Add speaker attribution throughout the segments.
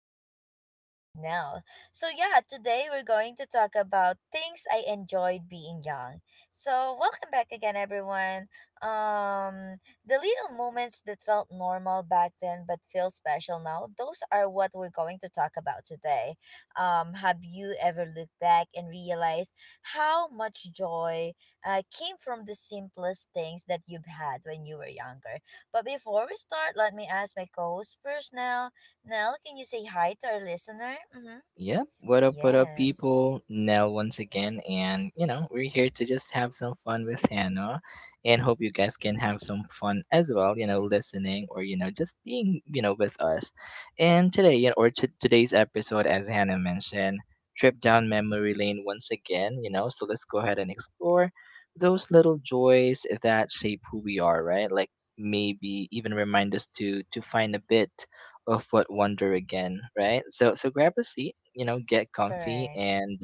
Speaker 1: another podcast with Nell. So yeah, today we're going to talk about things I enjoyed being young. So welcome back again everyone. Um the little moments that felt normal back then but feel special now, those are what we're going to talk about today. Have you ever looked back and realized how much joy came from the simplest things that you've had when you were younger? But before we start, let me ask my co host first, Nell. Nell, can you say hi to our listener? Mm-hmm.
Speaker 2: Yep. What up,
Speaker 1: Yes,
Speaker 2: people? Nell once again. And, you know, we're here to just have some fun with Hannah and hope you guys can have some fun as well, you know, listening or, you know, just being, you know, with us. And today, you know, or today's episode, as Hannah mentioned, trip down memory lane once again, you know, so let's go ahead and explore those little joys that shape who we are, right? Like, maybe even remind us to find a bit of what wonder again, right? So grab a seat, you know, get comfy
Speaker 1: correct.
Speaker 2: and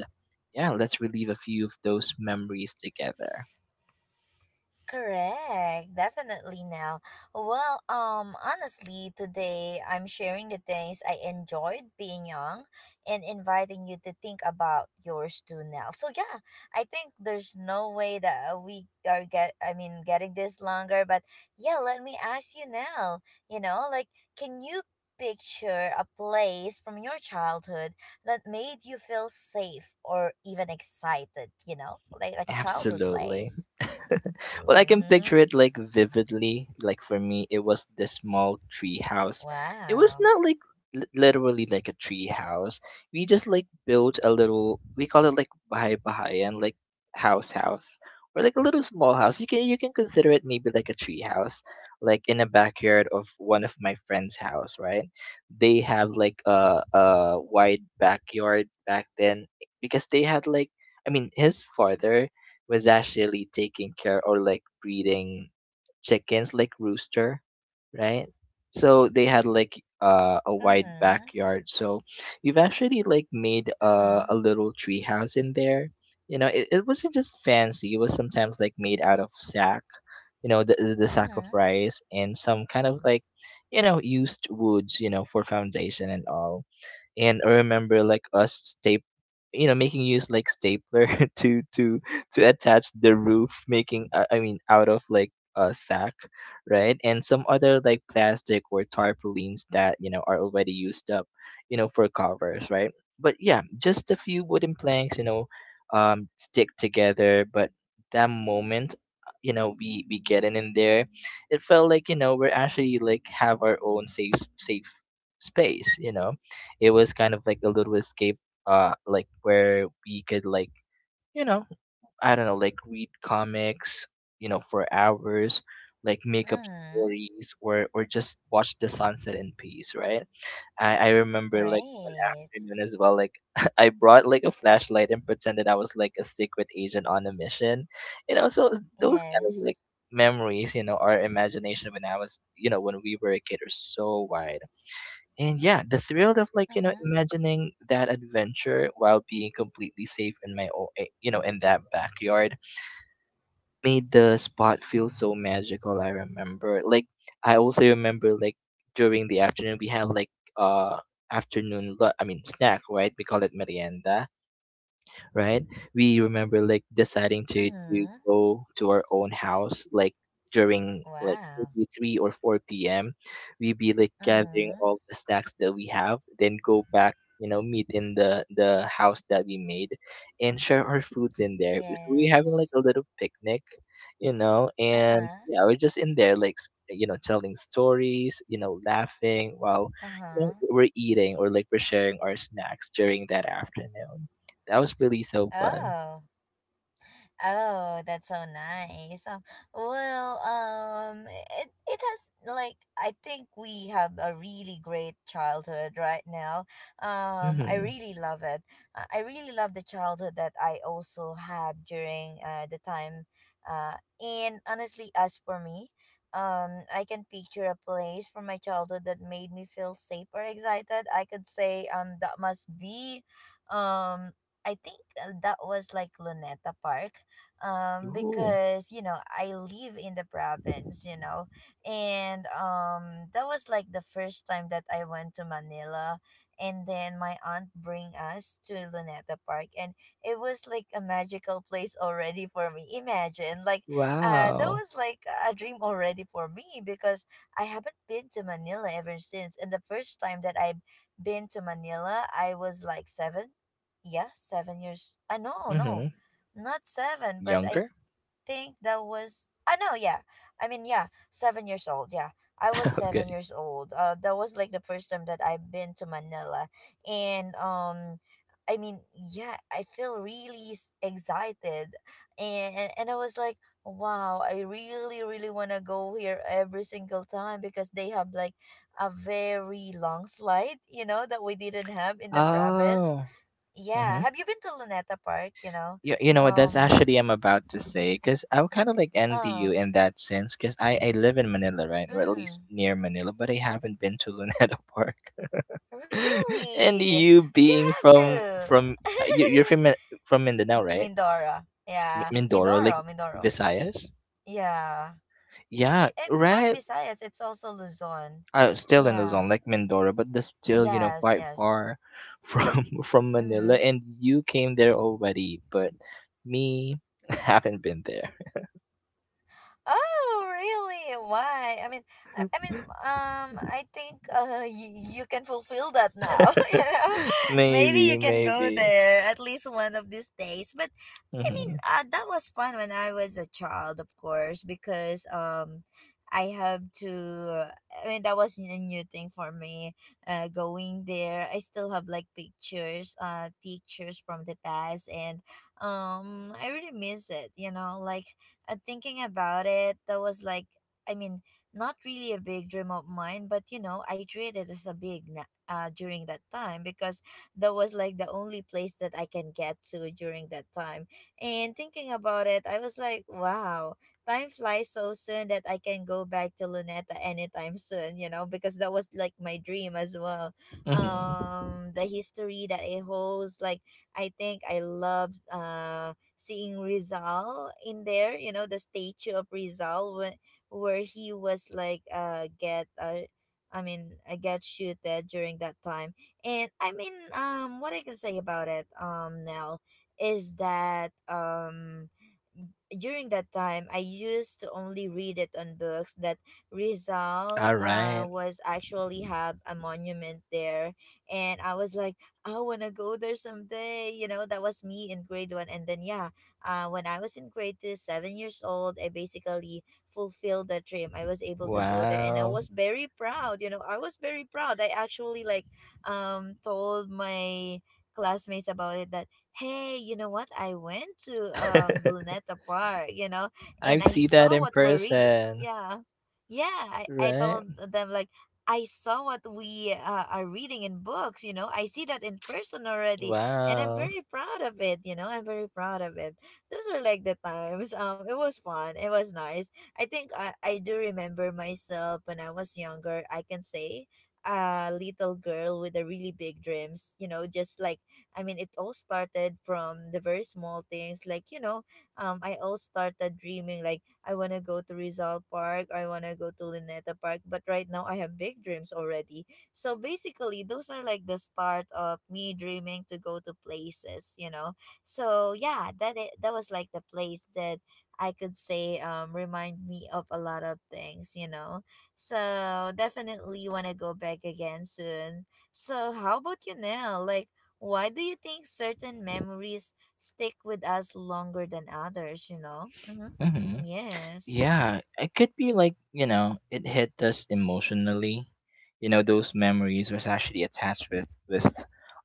Speaker 2: yeah, let's relive a few of those memories together.
Speaker 1: Correct, definitely now. Well, honestly, today I'm sharing the things I enjoyed being young and inviting you to think about yours too now. So yeah, I think there's no way that we are getting this longer, but yeah, let me ask you now. You know, like can you picture a place from your childhood that made you feel safe or even excited, you know? Like a childhood
Speaker 2: Absolutely.
Speaker 1: place.
Speaker 2: Well, I can
Speaker 1: Mm-hmm.
Speaker 2: picture it like vividly. Like for me, it was this small tree house. It was
Speaker 1: Wow.
Speaker 2: not like literally like a tree house. We just like built a little. We call it like bahay bahay and like house house or like a little small house. You can consider it maybe like a tree house, like in a backyard of one of my friend's house. Right? They have like a wide backyard back then because they had like I mean his father was actually taking care or like breeding chickens like rooster, right. So they had like a wide
Speaker 1: Mm-hmm.
Speaker 2: backyard, so we've actually like made
Speaker 1: Mm-hmm.
Speaker 2: a little tree house in there. You know, it wasn't just fancy. It was sometimes like made out of sack, you know, the sack of
Speaker 1: Mm-hmm.
Speaker 2: rice and some kind of like, you know, used woods, you know, for foundation and all. And I remember like us staple, you know, making use like stapler to to attach the roof, making I mean out of like a sack, right, and some other like plastic or tarpaulins that, you know, are already used up, you know, for covers, right? But yeah, just a few wooden planks, you know, stick together. But that moment, you know, we getting in there, it felt like, you know, we're actually like have our own safe space, you know. It was kind of like a little escape, uh, like where we could like, you know, I don't know, like read comics, you know, for hours, like make up
Speaker 1: Mm-hmm.
Speaker 2: stories, or just watch the sunset in peace, right? I remember like one
Speaker 1: Great.
Speaker 2: afternoon as well, like, I brought like a flashlight and pretended I was like a secret agent on a mission, you know. So those kind of like
Speaker 1: Yes.
Speaker 2: memories, you know, our imagination when I was, you know, when we were a kid are so wide. And yeah, the thrill of like, you know,
Speaker 1: Mm-hmm.
Speaker 2: imagining that adventure while being completely safe in my own, eh, you know, in that backyard made the spot feel so magical. I remember. Like, I also remember like during the afternoon, we had like, uh, afternoon, I mean, snack, right? We call it merienda, right? We remember like deciding to
Speaker 1: Mm-hmm.
Speaker 2: go to our own house like during like
Speaker 1: Wow.
Speaker 2: maybe 3 or 4 p.m. We be like gathering
Speaker 1: Mm-hmm.
Speaker 2: all the snacks that we have, then go back. You know, meet in the house that we made, and share our foods in there. So we having like
Speaker 1: Yes.
Speaker 2: a little picnic, you know, and
Speaker 1: Uh-huh.
Speaker 2: yeah, we're just in there like, you know, telling stories, you know, laughing while, you know,
Speaker 1: Uh-huh.
Speaker 2: we're eating or like we're sharing our snacks during that afternoon. That was really so fun.
Speaker 1: Oh. Oh, that's so nice. Well, it has like I think we have a really great childhood right now. I
Speaker 2: Mhm.
Speaker 1: really love it. I really love the childhood that I also have during the time. Uh, and honestly, as for me, I can picture a place from my childhood that made me feel safe or excited. I could say that must be, um. I think that was like Luneta Park
Speaker 2: Ooh.
Speaker 1: because you know I live in the province, you know, and that was like the first time that I went to Manila, and then my aunt bring us to Luneta Park, and it was like a magical place already for me. Imagine like that
Speaker 2: Wow.
Speaker 1: was like a dream already for me, because I haven't been to Manila ever since, and the first time that I've been to Manila I was like 7, yeah, 7 years. I no, no
Speaker 2: Mhm.
Speaker 1: Not seven, but I
Speaker 2: Younger?
Speaker 1: think that was. Ah, no, Yeah. I mean, yeah, 7 years old. Yeah, I was
Speaker 2: Okay.
Speaker 1: 7 years old. That was like the first time that I've been to Manila, and I mean, yeah, I feel really excited, and I was like, wow, I really really want to go here every single time because they have like a very long slide, you know, that we didn't have in the province.
Speaker 2: Oh.
Speaker 1: Yeah,
Speaker 2: Mm-hmm.
Speaker 1: have you been to Luneta Park? You know,
Speaker 2: You know what? That's
Speaker 1: um
Speaker 2: actually I'm about to say because I would kind of like envy you
Speaker 1: Oh,
Speaker 2: in that sense because I live in Manila, right? Or at least
Speaker 1: mm,
Speaker 2: near Manila, but I haven't been to Luneta Park.
Speaker 1: really?
Speaker 2: And
Speaker 1: You
Speaker 2: you
Speaker 1: have
Speaker 2: being from
Speaker 1: to.
Speaker 2: you're from from Mindanao, right?
Speaker 1: Mindoro. Yeah.
Speaker 2: Mindoro, like
Speaker 1: Mindoro.
Speaker 2: Visayas.
Speaker 1: Yeah. I
Speaker 2: Yeah,
Speaker 1: it's not
Speaker 2: right.
Speaker 1: Visayas, it's also Luzon.
Speaker 2: I was still in
Speaker 1: Yeah.
Speaker 2: Luzon, like Mindoro, but that's still, you know,
Speaker 1: Yes,
Speaker 2: quite
Speaker 1: yes.
Speaker 2: far from
Speaker 1: Mm-hmm.
Speaker 2: Manila. And you came there already, but me haven't been there.
Speaker 1: Oh, really? Why? I mean, I mean, I think you can fulfill that now, you know? Maybe you
Speaker 2: Maybe,
Speaker 1: can go
Speaker 2: maybe.
Speaker 1: there at least one of these days. But I mean,
Speaker 2: Hmm.
Speaker 1: that was fun when I was a child, of course, because I have to. I mean, that was a new thing for me. Going there, I still have like pictures, pictures from the past, and I really miss it. You know, like thinking about it, that was like, I mean, not really a big dream of mine, but you know, I treated it as a big. During that time because that was like the only place that I can get to during that time, and thinking about it, I was like, wow, time flies so soon that I can go back to Luneta anytime soon, you know, because that was like my dream as well.
Speaker 2: Hmm.
Speaker 1: The history that it holds, like, I think I loved seeing Rizal in there, you know, the statue of Rizal when, where he was like, I mean, I get shooted during that time. And I mean, what I can say about it, now is that during that time I used to only read it on books that
Speaker 2: All
Speaker 1: Rizal
Speaker 2: right.
Speaker 1: was actually have a monument there, and I was like I wanna go there someday, you know, that was me in grade one, and then yeah, when I was in grade 2, 7 years old, I basically fulfilled that dream. I was able to go there and I
Speaker 2: Wow.
Speaker 1: was very proud, you know, I was very proud. I actually like told my classmates about it that hey, you know what, I went to Luneta Park, you know,
Speaker 2: I
Speaker 1: and I
Speaker 2: see that
Speaker 1: saw
Speaker 2: in
Speaker 1: what we are reading.
Speaker 2: person.
Speaker 1: Yeah, yeah, I
Speaker 2: Right?
Speaker 1: told them like I saw what we are reading in books, you know, I see that in person already, and I'm
Speaker 2: Wow.
Speaker 1: very proud of it, you know, I'm very proud of it. Those are like the times, it was fun, it was nice. I do remember myself when I was younger. I can say a little girl with a really big dreams, you know, just like I mean, it all started from the very small things. Like, you know, I all started dreaming, like, I want to go to Rizal Park, I want to go to Lineta Park. But right now, I have big dreams already. So basically, those are like the start of me dreaming to go to places, you know? So yeah, that was like the place that I could say remind me of a lot of things, you know? So definitely want to go back again soon. So how about you now? Like, why do you think certain memories stick with us longer than others, you know? Mm-hmm.
Speaker 2: Mhm.
Speaker 1: Yes.
Speaker 2: Yeah, it could be like, you know, it hit us emotionally. You know, those memories was actually attached with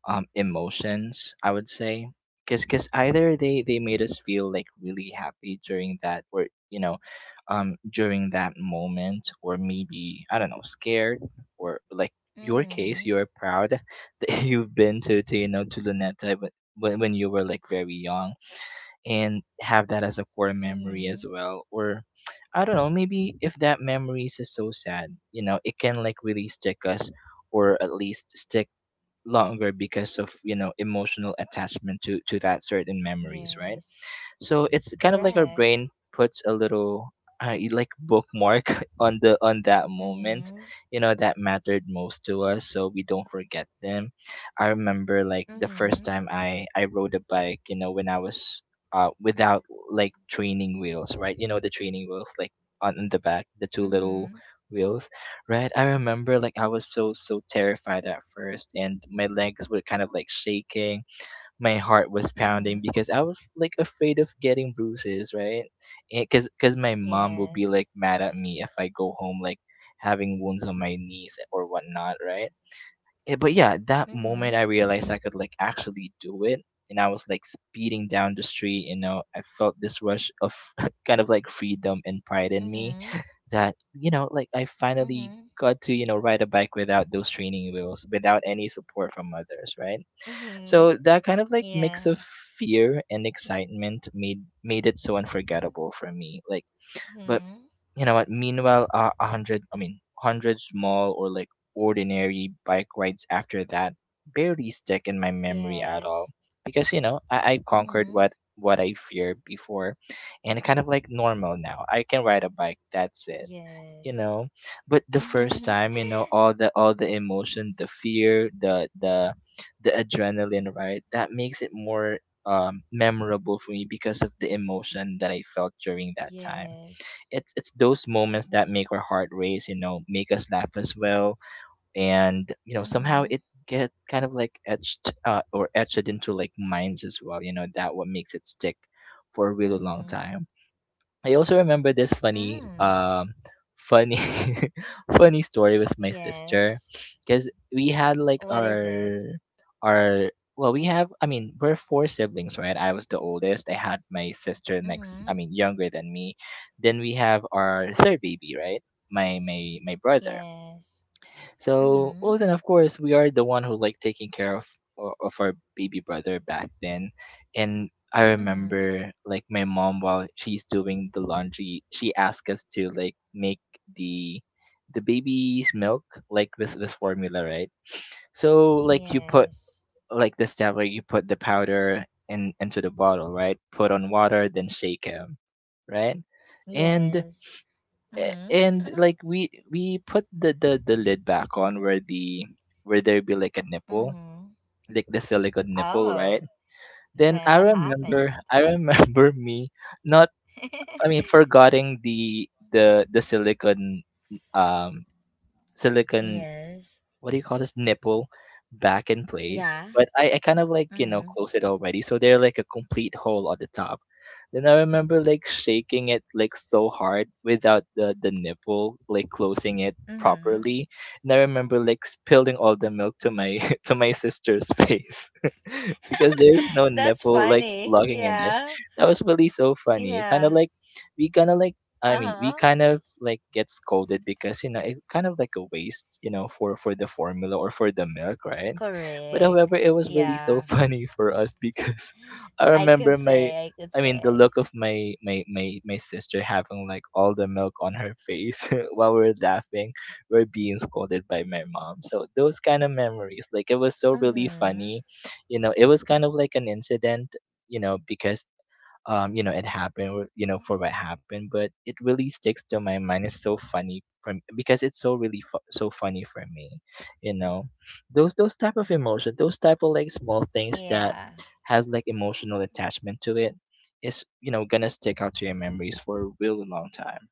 Speaker 2: emotions, I would say. 'Cause either they made us feel like really happy during that, or you know, during that moment, or maybe I don't know, scared, or like your
Speaker 1: Mm-hmm.
Speaker 2: case, you're proud that you've been to you know to Luneta when when you were like very young and have that as a core memory
Speaker 1: Mm-hmm.
Speaker 2: as well. Or I don't know, maybe if that memory is so sad, you know, it can like really stick us, or at least stick longer because of, you know, emotional attachment to that certain memories, right?
Speaker 1: Yes.
Speaker 2: So it's kind of like our
Speaker 1: Correct.
Speaker 2: brain puts a little, like bookmark on the on that moment,
Speaker 1: Mm-hmm.
Speaker 2: you know, that mattered most to us, so we don't forget them. I remember like the first
Speaker 1: Mm-hmm.
Speaker 2: time I rode a bike, you know, when I was without like training wheels, right? You know the training wheels like on the back, the two little
Speaker 1: Mm-hmm.
Speaker 2: wheels, right? I remember like I was so terrified at first, and my legs were kind of like shaking. My heart was pounding
Speaker 1: Mm-hmm.
Speaker 2: because I was like afraid of getting bruises, right? Because my mom will be
Speaker 1: Yes.
Speaker 2: like mad at me if I go home like having wounds on my knees or whatnot, right? Yeah, but yeah, that moment
Speaker 1: Mm-hmm.
Speaker 2: I realized I could like actually do it, and I was like speeding down the street. You know, I felt this rush of kind of like freedom and pride in me,
Speaker 1: Mm-hmm.
Speaker 2: that you know, like I finally
Speaker 1: Mm-hmm.
Speaker 2: got to, you know, ride a bike without those training wheels, without any support from others, right?
Speaker 1: Mm-hmm.
Speaker 2: So that kind of like mix
Speaker 1: Yeah.
Speaker 2: of fear and excitement made it so unforgettable for me. Like, but
Speaker 1: Mm-hmm.
Speaker 2: you know what? Meanwhile, a hundred, I mean, 100 small or like ordinary bike rides after that barely stick in my memory at
Speaker 1: Yes.
Speaker 2: all because, you know, I conquered
Speaker 1: Mm-hmm.
Speaker 2: what I feared before, and kind of like normal now. I can ride a bike. That's it, you
Speaker 1: Yes.
Speaker 2: know. But the first time, you know, all the emotion, the fear, the the adrenaline, right, that makes it more memorable for me because of the emotion that I felt during that time.
Speaker 1: yes.
Speaker 2: It's those moments that make our heart race, you know, make us laugh as well, and you know somehow
Speaker 1: Mm-hmm.
Speaker 2: it get kind of like etched, or etched into like minds as well, you know, that what makes it stick for a really long
Speaker 1: Mm-hmm.
Speaker 2: time. I also remember this funny
Speaker 1: Mm.
Speaker 2: funny funny story with my sister
Speaker 1: Yes.
Speaker 2: because we had like
Speaker 1: What is it?
Speaker 2: our, well, we have, I mean, we're four siblings, right? I was the oldest. I had my sister next, I
Speaker 1: Mhm.
Speaker 2: mean younger than me, then we have our third baby, right, my brother.
Speaker 1: Yes.
Speaker 2: So
Speaker 1: Mhm.
Speaker 2: well, then of course we are the one who like taking care of of our baby brother back then, and I
Speaker 1: Mhm.
Speaker 2: remember like my mom while she's doing the laundry, she asked us to like make the the baby's milk like with formula, right? So like you put
Speaker 1: Yes.
Speaker 2: like the step where you put the powder in into the bottle, right? Put on water, then shake him, right? And
Speaker 1: Yes. Mhm.
Speaker 2: and like we put the lid back on where the, where there be like a nipple,
Speaker 1: Mhm.
Speaker 2: like the silicone nipple, right?
Speaker 1: Oh,
Speaker 2: Then
Speaker 1: then what happened?
Speaker 2: I remember me not, I mean, forgetting the silicone, um silicone,
Speaker 1: Yes.
Speaker 2: what do you call this, nipple back in place,
Speaker 1: Yeah.
Speaker 2: but I kind of like, you know,
Speaker 1: Mhm.
Speaker 2: close it already so they're like a complete hole on the top. Then I remember like shaking it like so hard without the the nipple like closing it
Speaker 1: Mhm.
Speaker 2: properly, and I remember like spilling all the milk to my to my sister's face because there's no
Speaker 1: That's
Speaker 2: nipple like
Speaker 1: funny.
Speaker 2: logging in there.
Speaker 1: Yeah.
Speaker 2: That was really so funny, kind of
Speaker 1: Yeah.
Speaker 2: like, we kind of like I mean, we
Speaker 1: Uh-huh.
Speaker 2: kind of like get scolded because, you know, it kind of like a waste, you know, for the formula or for the milk, right? But
Speaker 1: Correct.
Speaker 2: however, it was really so
Speaker 1: Yeah.
Speaker 2: funny for us because I
Speaker 1: I
Speaker 2: remember
Speaker 1: could say, I could
Speaker 2: I mean, the
Speaker 1: say.
Speaker 2: look of my sister having like all the milk on her face while we're laughing, we're being scolded by my mom. So those kind of memories, like it was so really
Speaker 1: Mhm.
Speaker 2: funny. It was kind of like an incident. Because it happened, or for what happened, but it really sticks to my mind. It's so funny because it's so really so funny for me, you know, those type of emotion, those type of like small things that
Speaker 1: Yeah.
Speaker 2: has like emotional attachment to it is gonna stick out to your memories for a really long time.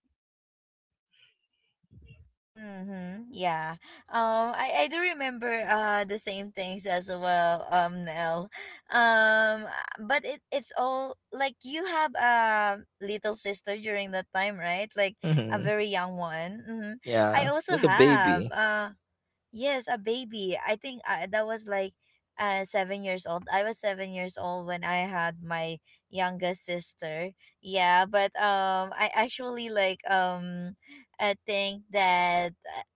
Speaker 1: Mm-hmm. Yeah. I do remember the same things as well, Nell. Um, but it's all like you have a little sister during that time, right? Like a
Speaker 2: Hmm.
Speaker 1: very young one. Mm-hmm. I
Speaker 2: Yeah,
Speaker 1: also
Speaker 2: like a
Speaker 1: have.
Speaker 2: baby.
Speaker 1: Yes, a baby. I think that was like 7 years old. I was 7 years old when I had my youngest sister. Yeah, but I actually like I think that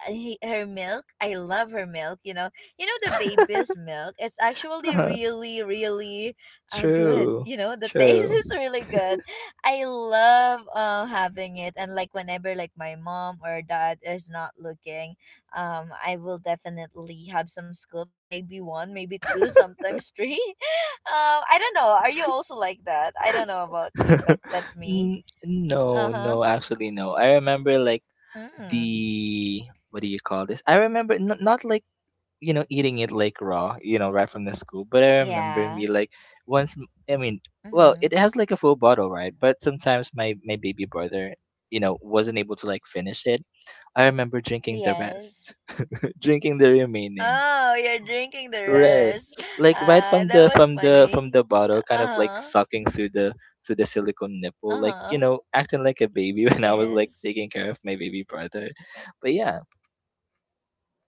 Speaker 1: he, her milk. I love her milk. You know the baby's milk. It's actually really, really good.
Speaker 2: True,
Speaker 1: You know, the taste
Speaker 2: true.
Speaker 1: is really good. I love having it, and like whenever like my mom or dad is not looking, I will definitely have some scoops, maybe one, maybe two, sometimes three. I don't know, are you also like that? I don't know about you, but that's me.
Speaker 2: N- no,
Speaker 1: Uh-huh.
Speaker 2: no, actually no. I remember like
Speaker 1: Mm.
Speaker 2: the what do you call this? I remember not like, you know, eating it like raw, you know, right from the scoop. But I remember me
Speaker 1: Yeah.
Speaker 2: like once. I mean, well, it
Speaker 1: Mm-hmm.
Speaker 2: has like a full bottle, right? But sometimes my baby brother, you know, wasn't able to like finish it. I remember drinking the rest,
Speaker 1: Yes.
Speaker 2: drinking the remaining.
Speaker 1: Oh, you're drinking the
Speaker 2: Right.
Speaker 1: rest.
Speaker 2: Like right
Speaker 1: Uh,
Speaker 2: from
Speaker 1: that
Speaker 2: the
Speaker 1: was
Speaker 2: from the from
Speaker 1: funny.
Speaker 2: the bottle, kind of like
Speaker 1: Uh-huh.
Speaker 2: sucking through the silicone nipple, like, you know,
Speaker 1: Uh-huh.
Speaker 2: acting like a baby when I was like
Speaker 1: Yes.
Speaker 2: taking care of my baby brother. But yeah.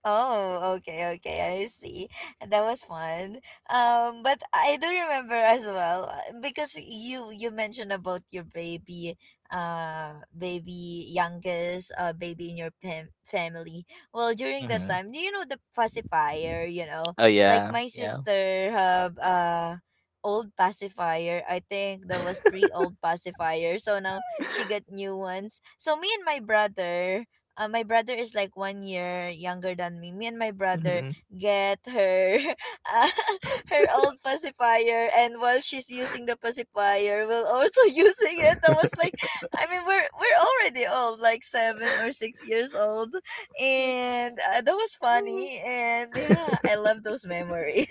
Speaker 1: Oh, okay, okay, I see. That was fun. But I do remember as well because you mentioned about your baby, baby in your family. Well, during that
Speaker 2: Hmm.
Speaker 1: time, do you know the pacifier? You know,
Speaker 2: Oh
Speaker 1: like
Speaker 2: yeah,
Speaker 1: my
Speaker 2: yeah.
Speaker 1: sister have old pacifier. I think there was three old pacifiers. So now she got new ones. So me and my brother is like 1 year younger than me. Me and my brother
Speaker 2: Hmm.
Speaker 1: get her uh, her old pacifier, and while she's using the pacifier, we're also using it. I was like, I mean, we're already old, like 7 or 6 years old, and that was funny. And yeah, I love those memories.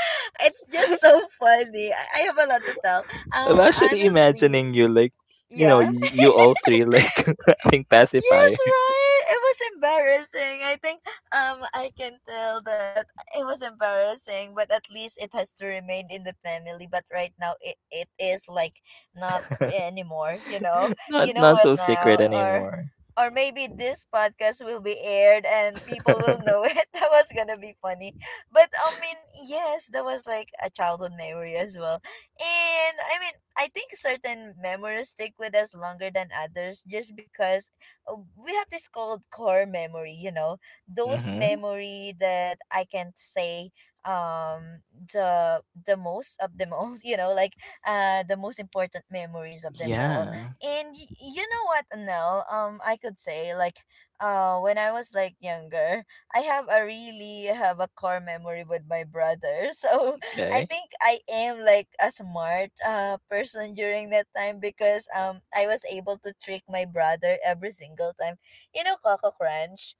Speaker 1: It's just so funny. I have a lot to tell.
Speaker 2: I'm actually
Speaker 1: Honestly,
Speaker 2: imagining you, like, you know,
Speaker 1: yeah.
Speaker 2: you all three like having
Speaker 1: Yes,
Speaker 2: pacifier.
Speaker 1: right. It was embarrassing. I think I can tell that it was embarrassing, but at least it has to remain in the family. But right now it is like not anymore, you know.
Speaker 2: not
Speaker 1: You know
Speaker 2: not
Speaker 1: it
Speaker 2: so
Speaker 1: now,
Speaker 2: secret anymore.
Speaker 1: or maybe this podcast will be aired and people will know it. That was gonna be funny. But I mean, yes, that was like a childhood memory as well. And I mean, I think certain memories stick with us longer than others just because we have this called core memory, you know, those
Speaker 2: Hmm.
Speaker 1: memory that I can't say um the most of them all, you know, like the most important memories of them all.
Speaker 2: Yeah.
Speaker 1: You know what, Nell, I could say like when I was like younger, I have a core memory with my brother. So I
Speaker 2: Okay.
Speaker 1: think I am like a smart person during that time, because I was able to trick my brother every single time. You know Coco Crunch?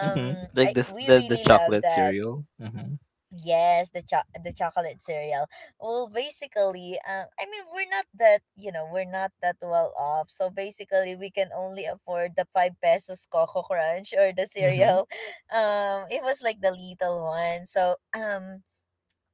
Speaker 2: Hmm. Like
Speaker 1: I
Speaker 2: this,
Speaker 1: we
Speaker 2: the
Speaker 1: really love
Speaker 2: chocolate
Speaker 1: that.
Speaker 2: cereal. Hmm.
Speaker 1: Yes, the chocolate cereal. Well, basically, I mean we're not that well off. So basically, we can only afford the 5 pesos Coco Crunch or the cereal. It was like the little one. So,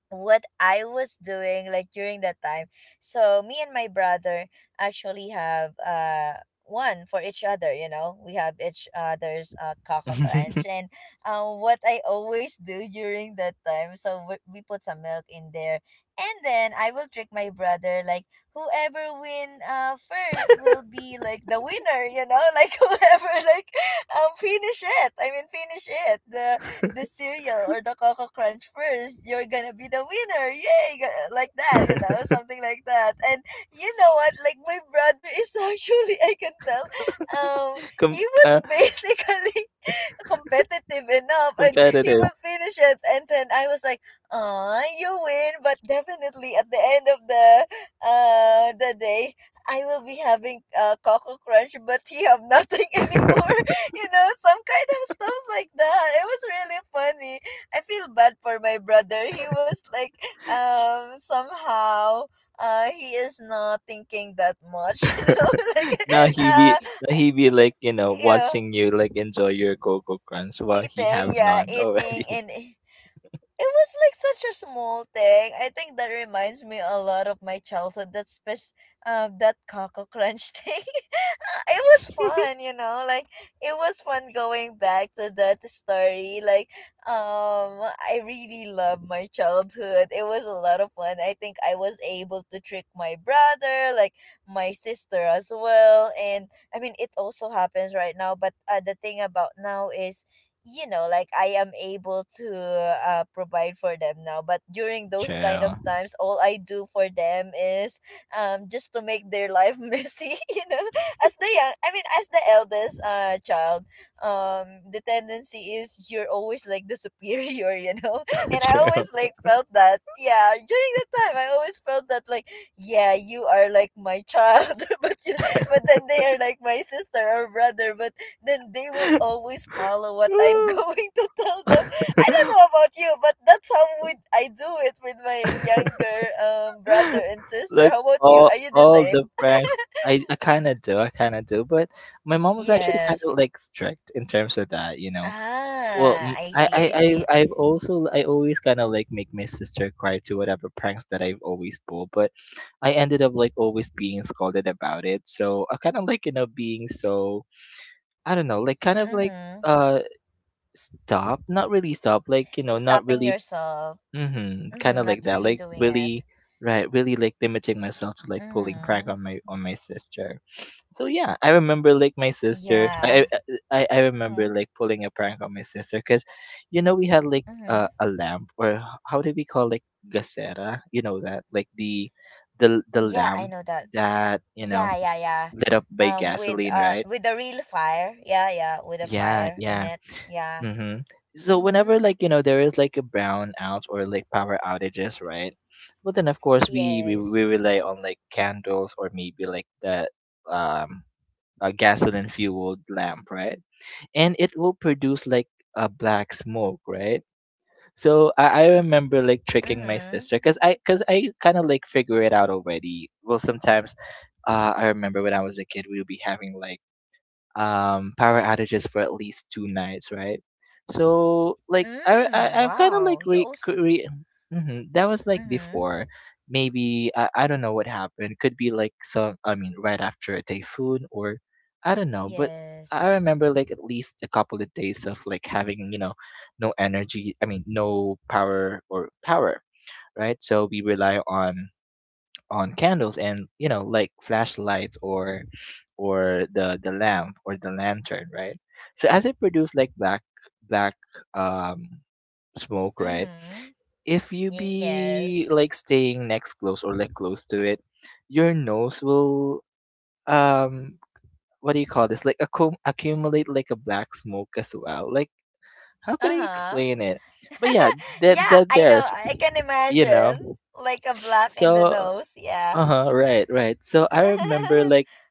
Speaker 1: what I was doing like during that time. So me and my brother actually have one for each other. We have each other's Coco Crunch
Speaker 2: Hmm.
Speaker 1: and what I always do during that time. So we put some milk in there. And then I will trick my brother like whoever win first will be like the winner, you know? Like whoever like finish it. I mean finish it. The cereal or the Coco Crunch first, you're gonna be the winner. Yay! Like that, you know, something like that. And you know what? Like my brother is actually, I can tell, um,
Speaker 2: com-
Speaker 1: he was
Speaker 2: uh,
Speaker 1: basically competitive enough and he
Speaker 2: Competitive.
Speaker 1: will finish it, and then I was like, ah, you win, but definitely at the end of the day I will be having Coco Crunch but he have nothing anymore. Some kind of stuff like that, it was really funny. I feel bad for my brother. He was like, somehow, he is not thinking that much. Like
Speaker 2: now he be
Speaker 1: uh
Speaker 2: now he be like, you know,
Speaker 1: yeah,
Speaker 2: watching you like enjoy your Coco Crunch while he
Speaker 1: eating,
Speaker 2: have
Speaker 1: yeah,
Speaker 2: none
Speaker 1: eating,
Speaker 2: already.
Speaker 1: and it was like such a small thing. I think that reminds me a lot of my childhood. That Coco Crunch thing. It was fun. Like it was fun going back to that story. Like, I really love my childhood. It was a lot of fun. I think I was able to trick my brother, like my sister as well, and I mean it also happens right now. But the thing about now is like I am able to, provide for them now, but during those kind of
Speaker 2: True,
Speaker 1: times all I do for them is just to make their life messy. As the young, I mean as the eldest child, the tendency is you're always like the superior. And I
Speaker 2: true.
Speaker 1: always like felt that, yeah, during that time I always felt that, like, yeah, you are like my child. But then they are like my sister or brother, but then they will always follow what I'm going to tell them. I don't know about you, but that's how would I do it with my younger brother and sister.
Speaker 2: Like
Speaker 1: How about you?
Speaker 2: all
Speaker 1: Are you the
Speaker 2: all
Speaker 1: same?
Speaker 2: the pranks, I kind of do I kind of do but my mom was actually kind
Speaker 1: Yes.
Speaker 2: of like strict in terms of that, you know. Well,
Speaker 1: Ah,
Speaker 2: mm,
Speaker 1: I
Speaker 2: I,
Speaker 1: see,
Speaker 2: I,
Speaker 1: I
Speaker 2: I,
Speaker 1: see.
Speaker 2: I've also, I always kind of like make my sister cry to whatever pranks that I've always pulled, but I ended up like always being scolded about it. So I kind of like, you know, being so, I don't know, like kind of like,
Speaker 1: Mm-hmm.
Speaker 2: uh, stop, not really stop, like, you know, not
Speaker 1: Stopping
Speaker 2: really.
Speaker 1: yourself.
Speaker 2: Mhm,
Speaker 1: Mm-hmm.
Speaker 2: kinda
Speaker 1: Not
Speaker 2: like that,
Speaker 1: really
Speaker 2: like,
Speaker 1: doing it.
Speaker 2: really, right, really, like, limiting myself to, like, pulling prank
Speaker 1: Mm-hmm.
Speaker 2: on my sister. So, yeah, I remember, like, my sister, I
Speaker 1: Yeah.
Speaker 2: I I I remember,
Speaker 1: Mm-hmm.
Speaker 2: like, pulling a prank on my sister because, you know, we had, like, a
Speaker 1: Mm-hmm.
Speaker 2: a lamp or h how do we call, like, gasera? You know that? Like, the
Speaker 1: Yeah, I
Speaker 2: lamp
Speaker 1: know that.
Speaker 2: that, you know,
Speaker 1: Yeah, yeah, yeah.
Speaker 2: lit up by
Speaker 1: With,
Speaker 2: gasoline, right?
Speaker 1: with a real fire. Yeah, yeah, with a
Speaker 2: Yeah,
Speaker 1: fire in
Speaker 2: yeah.
Speaker 1: it. Yeah.
Speaker 2: Mhm. So
Speaker 1: Mm-hmm.
Speaker 2: whenever, like, you know, there is like a brownout or like power outages, right? Well, then of course we
Speaker 1: Yes.
Speaker 2: rely on like candles or maybe like that, um a gasoline fueled lamp, right? And it will produce like a black smoke, right? So I remember like tricking my
Speaker 1: Mm-hmm.
Speaker 2: sister because I kind of like figure it out already. Well, sometimes I remember when I was a kid, we would be having like power outages for at least 2 nights, right? So like I
Speaker 1: Mm.
Speaker 2: I I've kind of like
Speaker 1: Wow. You
Speaker 2: re,
Speaker 1: also.
Speaker 2: re That was like
Speaker 1: Mm-hmm.
Speaker 2: before. Maybe I don't know what happened. Could be like some, I mean, right after a typhoon or I don't know. But I
Speaker 1: Yes.
Speaker 2: remember like at least a couple of days of like having, you know, no energy. I mean, no power or power. Right, so we rely on candles and, you know, like flashlights or the lamp or the lantern, right? So as it produce like black um smoke, right?
Speaker 1: Mm-hmm.
Speaker 2: If you
Speaker 1: Yes.
Speaker 2: be like staying next close or like close to it your nose will, um what do you call this, like accumulate like a black smoke as well, like, how can I
Speaker 1: Uh-huh.
Speaker 2: explain it, but yeah, that
Speaker 1: Yeah,
Speaker 2: that
Speaker 1: I know.
Speaker 2: there's,
Speaker 1: I can
Speaker 2: you
Speaker 1: imagine.
Speaker 2: know,
Speaker 1: Like a black in the
Speaker 2: so,
Speaker 1: nose. Yeah.
Speaker 2: uh-huh, right, right, so I remember like,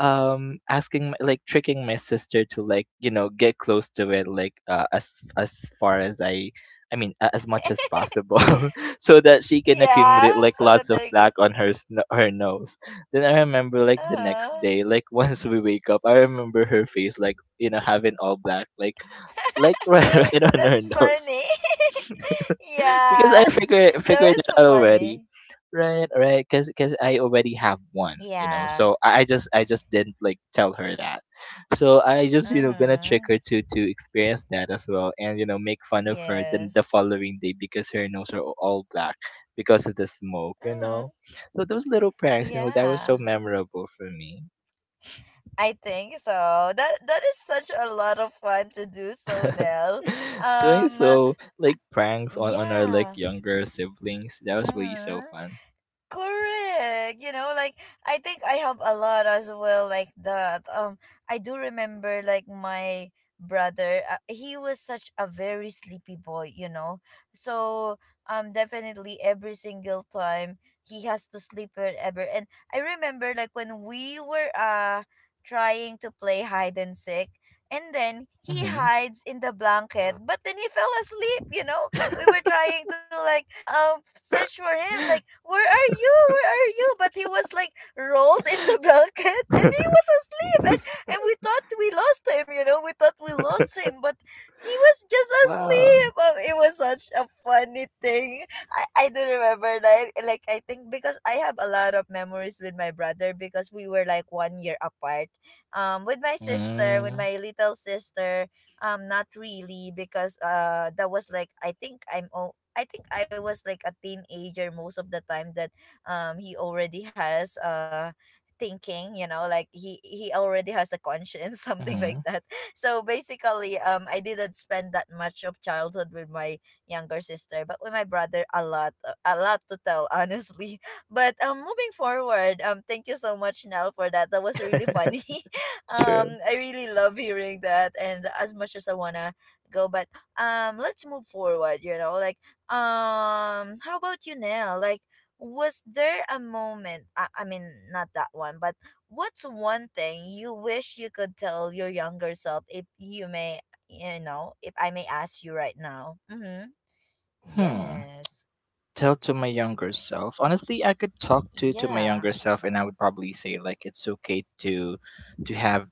Speaker 2: like tricking my sister to, like, you know, get close to it, like, as far as I mean, as much as possible so that she can
Speaker 1: Yeah.
Speaker 2: accumulate like
Speaker 1: So
Speaker 2: lots
Speaker 1: that
Speaker 2: of
Speaker 1: they're good.
Speaker 2: black on her nose. Then I remember like the next
Speaker 1: Uh-huh.
Speaker 2: day, like, once we wake up, I remember her face like, you know, having all black, like right, right on her
Speaker 1: That's
Speaker 2: nose
Speaker 1: funny.
Speaker 2: because I
Speaker 1: Yeah.
Speaker 2: figure
Speaker 1: That
Speaker 2: figured
Speaker 1: was
Speaker 2: it
Speaker 1: so
Speaker 2: out already.
Speaker 1: funny.
Speaker 2: Right, right, because I already have one, you know.
Speaker 1: Yeah.
Speaker 2: So I just didn't like tell her that. So I just, you know, gonna trick
Speaker 1: Mm-hmm.
Speaker 2: her to experience that as well, and, you know, make fun of her then the
Speaker 1: Yes.
Speaker 2: following day because her nose are all black because of the smoke, you
Speaker 1: Mm-hmm.
Speaker 2: know. So those little pranks, you know, that was so
Speaker 1: Yeah.
Speaker 2: memorable for me.
Speaker 1: I think so. That that is such a lot of fun to do so, Nell.
Speaker 2: Doing
Speaker 1: Um
Speaker 2: so like pranks on our like
Speaker 1: yeah.
Speaker 2: younger siblings, that was really so
Speaker 1: Mhm.
Speaker 2: fun.
Speaker 1: Correct. I think I have a lot as well like that. I do remember like my brother, he was such a very sleepy boy. So definitely every single time he has to sleep wherever, and I remember like when we were trying to play hide and seek, and then he
Speaker 2: Hmm.
Speaker 1: hides in the blanket but then he fell asleep. We were trying to search for him, like, where are you, where are you? But he was like rolled in the blanket and he was asleep. And we thought we lost him. We thought we lost him, but he was just
Speaker 2: Wow.
Speaker 1: asleep. It was such a funny thing. I do remember, like I think because I have a lot of memories with my brother because we were like one year apart. With my sister, with
Speaker 2: Mm,
Speaker 1: my little sister, not really, because that was like, I think I think I was like a teenager most of the time, that he already has thinking, he already has a conscience something like
Speaker 2: mhm.
Speaker 1: that. So basically I didn't spend that much of childhood with my younger sister, but with my brother a lot, a lot to tell, honestly. But moving forward, thank you so much, Nell, for that. That was really funny.
Speaker 2: True.
Speaker 1: I really love hearing that, and as much as I wanna go, but let's move forward. How about you, Nell? Like, was there a moment? I mean, not that one, but what's one thing you wish you could tell your younger self, if you may, you know, if I may ask you right now? Mm-hmm.
Speaker 2: Hmm.
Speaker 1: Yes.
Speaker 2: Tell to my younger self. Honestly, I could talk to my
Speaker 1: Yeah.
Speaker 2: younger self, and I would probably say like it's okay to have,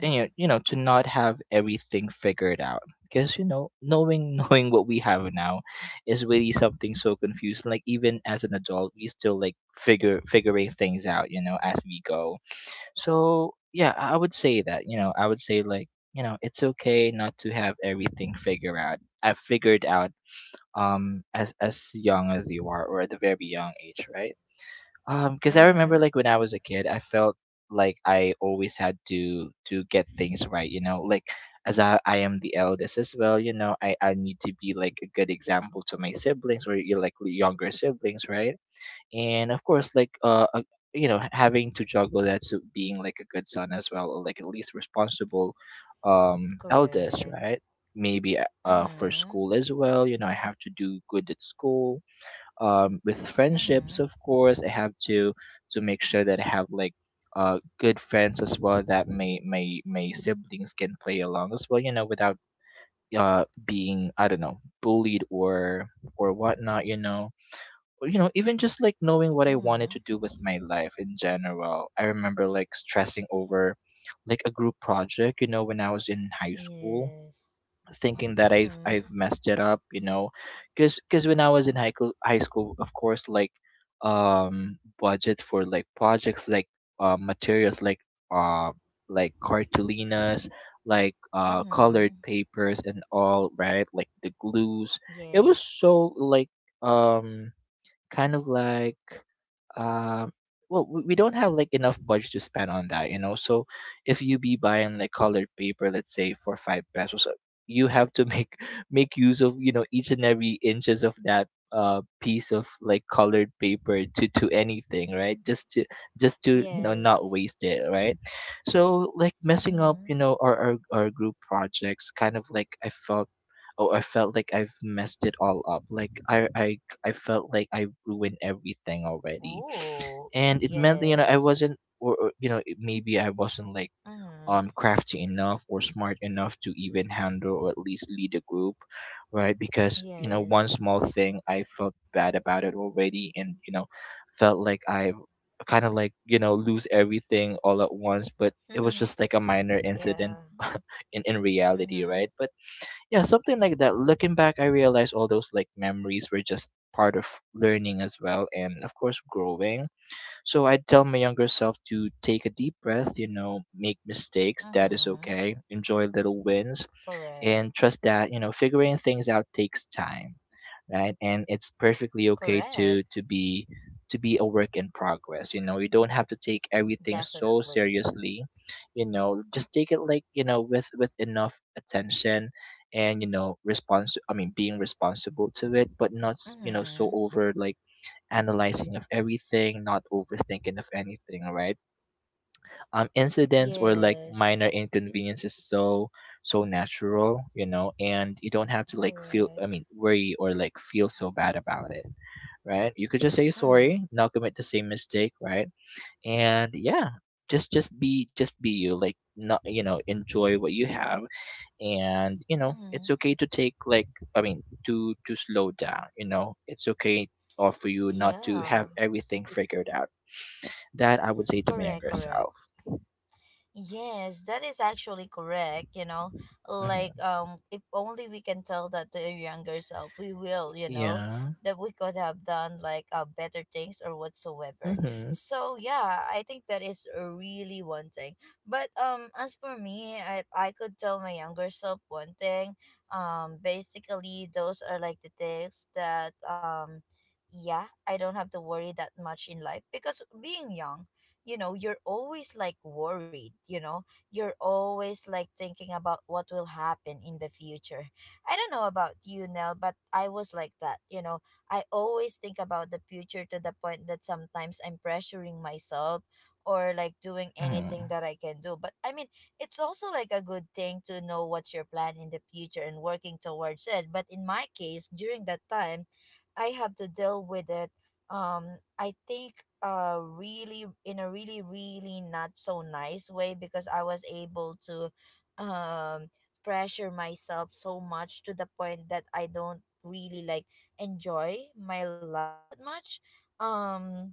Speaker 2: you know, you know, to not have everything figured out because, you know, knowing knowing what we have now is really something so confusing. Like even as an adult, we still like figure figuring things out. You know, as we go. So yeah, I would say that, you know, I would say, like, you know, it's okay not to have everything figured out. I figured out as young as you are or at the very young age, right? Because I remember
Speaker 1: Mm-hmm.
Speaker 2: like when I was a kid, I felt like I always had to get things right, you know, like, as I am the eldest as well, you know, I need to be like a good example to my siblings or you, like, younger siblings, right? And of course like, you know, having to juggle that, so being like a good son as well or like at least responsible eldest,
Speaker 1: Correct.
Speaker 2: right? Maybe, for
Speaker 1: Mm-hmm.
Speaker 2: school as well, you know, I have to do good at school, with
Speaker 1: Mm-hmm.
Speaker 2: friendships, of course, I have to make sure that I have like good friends as well that my siblings can play along as well, you know, without being, I don't know, bullied or whatnot, you know. You know, even just like knowing what I wanted to
Speaker 1: Mm-hmm.
Speaker 2: do with my life in general. I remember like stressing over like a group project, you know, when I was in high school,
Speaker 1: Yes.
Speaker 2: thinking that I've
Speaker 1: Mm-hmm.
Speaker 2: messed it up, you know, because when I was in high school, of course, like budget for like projects, like, materials, like, uh like cartulinas, like colored
Speaker 1: Mm-hmm.
Speaker 2: papers and all, right, like the glues, it was
Speaker 1: Yes.
Speaker 2: so like um kind of like, uh, well, we don't have like enough budget to spend on that, you know. So if you be buying like colored paper, let's say for five pesos, you have to make make use of, you know, each and every inches of that piece of like colored paper to anything, right? Just to not
Speaker 1: Yes.
Speaker 2: waste it, right? So like messing up,
Speaker 1: Mm-hmm.
Speaker 2: you know, our our group projects, kind of like I felt. Oh, I felt like I've messed it all up. Like, I felt like I ruined everything already,
Speaker 1: Oh,
Speaker 2: and it meant that, you know, I
Speaker 1: yes.
Speaker 2: wasn't or, you know it- maybe I wasn't like
Speaker 1: Mm-hmm.
Speaker 2: crafty enough or smart enough to even handle or at least lead a group, right, because, you know, one
Speaker 1: Yes.
Speaker 2: small thing I felt bad about it already, and, you know, felt like I kind of like, you know, lose everything all at once, but it was just like a minor incident
Speaker 1: Yeah.
Speaker 2: in reality, right,
Speaker 1: Mm-hmm.
Speaker 2: but yeah, something like that. Looking back, I realized all those like memories were just part of learning as well, and of course growing. So I tell my younger self to take a deep breath, you know, make mistakes, that is
Speaker 1: Mm-hmm.
Speaker 2: okay, enjoy little wins, and
Speaker 1: Correct.
Speaker 2: trust that, you know, figuring things out takes time, right? And it's perfectly okay
Speaker 1: Correct.
Speaker 2: to be a work in progress. You know, you don't have to take everything so
Speaker 1: Definitely.
Speaker 2: seriously. You know, just take it like, you know, with enough attention and, you know, response, I mean, being responsible to it, but not so
Speaker 1: Mm-hmm.
Speaker 2: over like analyzing of everything, not overthinking of anything, right? Incidents or like
Speaker 1: Yes.
Speaker 2: minor inconvenience is so so natural, you know, and you don't have to like feel, I
Speaker 1: Correct.
Speaker 2: mean, worry or like feel so bad about it, right? You could just say
Speaker 1: Mm-hmm.
Speaker 2: sorry, not commit the same mistake, right? And yeah, just be you, like not enjoy what you have. And you know it's
Speaker 1: Mm-hmm.
Speaker 2: okay to take like i mean to slow down, you know, it's okay, or for you not to have
Speaker 1: Yeah.
Speaker 2: everything figured out. That I would say to my
Speaker 1: Correct,
Speaker 2: younger self.
Speaker 1: correct. Yes, that is actually correct, you know. Like,
Speaker 2: Hmm.
Speaker 1: if only we can tell that to our younger self, we will, you know,
Speaker 2: Yeah.
Speaker 1: that we could have done like, better things or whatsoever.
Speaker 2: Mm-hmm.
Speaker 1: So yeah, I think that is really one thing. But as for me, I could tell my younger self one thing. Basically those are like the things that yeah, I don't have to worry that much in life, because being young, you know, you're always like worried, you know, you're always like thinking about what will happen in the future. I don't know about you, Nell, but I was like that, you know, I always think about the future, to the point that sometimes I'm pressuring myself or like doing anything
Speaker 2: Mm-hmm.
Speaker 1: that I can do. But I mean, it's also like a good thing to know what's your plan in the future and working towards it, but in my case during that time I have to deal with it. um I think, really in a really really not so nice way, because I was able to um pressure myself so much to the point that I don't really like enjoy my life that much. um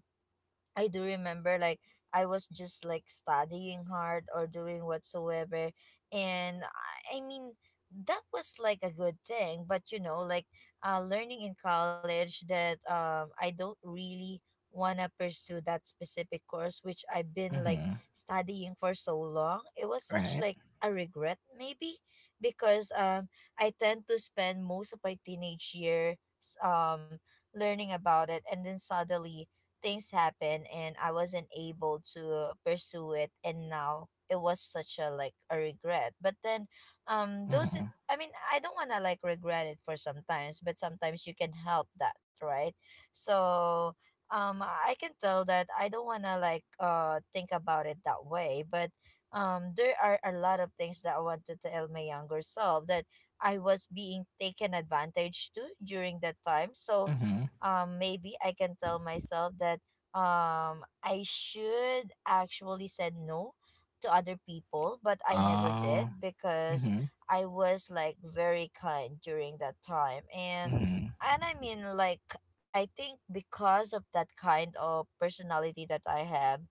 Speaker 1: I do remember like I was just like studying hard or doing whatsoever, and I mean, that was like a good thing, but you know, like, learning in college that I don't really want to pursue that specific course which I've been like
Speaker 2: Mm-hmm.
Speaker 1: studying for so long. It was such
Speaker 2: Right.
Speaker 1: like a regret, maybe, because I tend to spend most of my teenage years um learning about it, and then suddenly things happened and I wasn't able to pursue it, and now it was such a like a regret. But then, those
Speaker 2: Mm-hmm.
Speaker 1: is, I mean, I don't want to like regret it for sometimes, but sometimes you can help that, right? So I can tell that I don't want to like, think about it that way, but there are a lot of things that I want to tell my younger self, that I was being taken advantage to during that time. So
Speaker 2: Mm-hmm.
Speaker 1: maybe I can tell myself that I should actually said no to other people, but I never
Speaker 2: Oh.
Speaker 1: did because
Speaker 2: Mm-hmm.
Speaker 1: I was like very kind during that time,
Speaker 2: Mm-hmm.
Speaker 1: and I mean, like, I think because of that kind of personality that I have,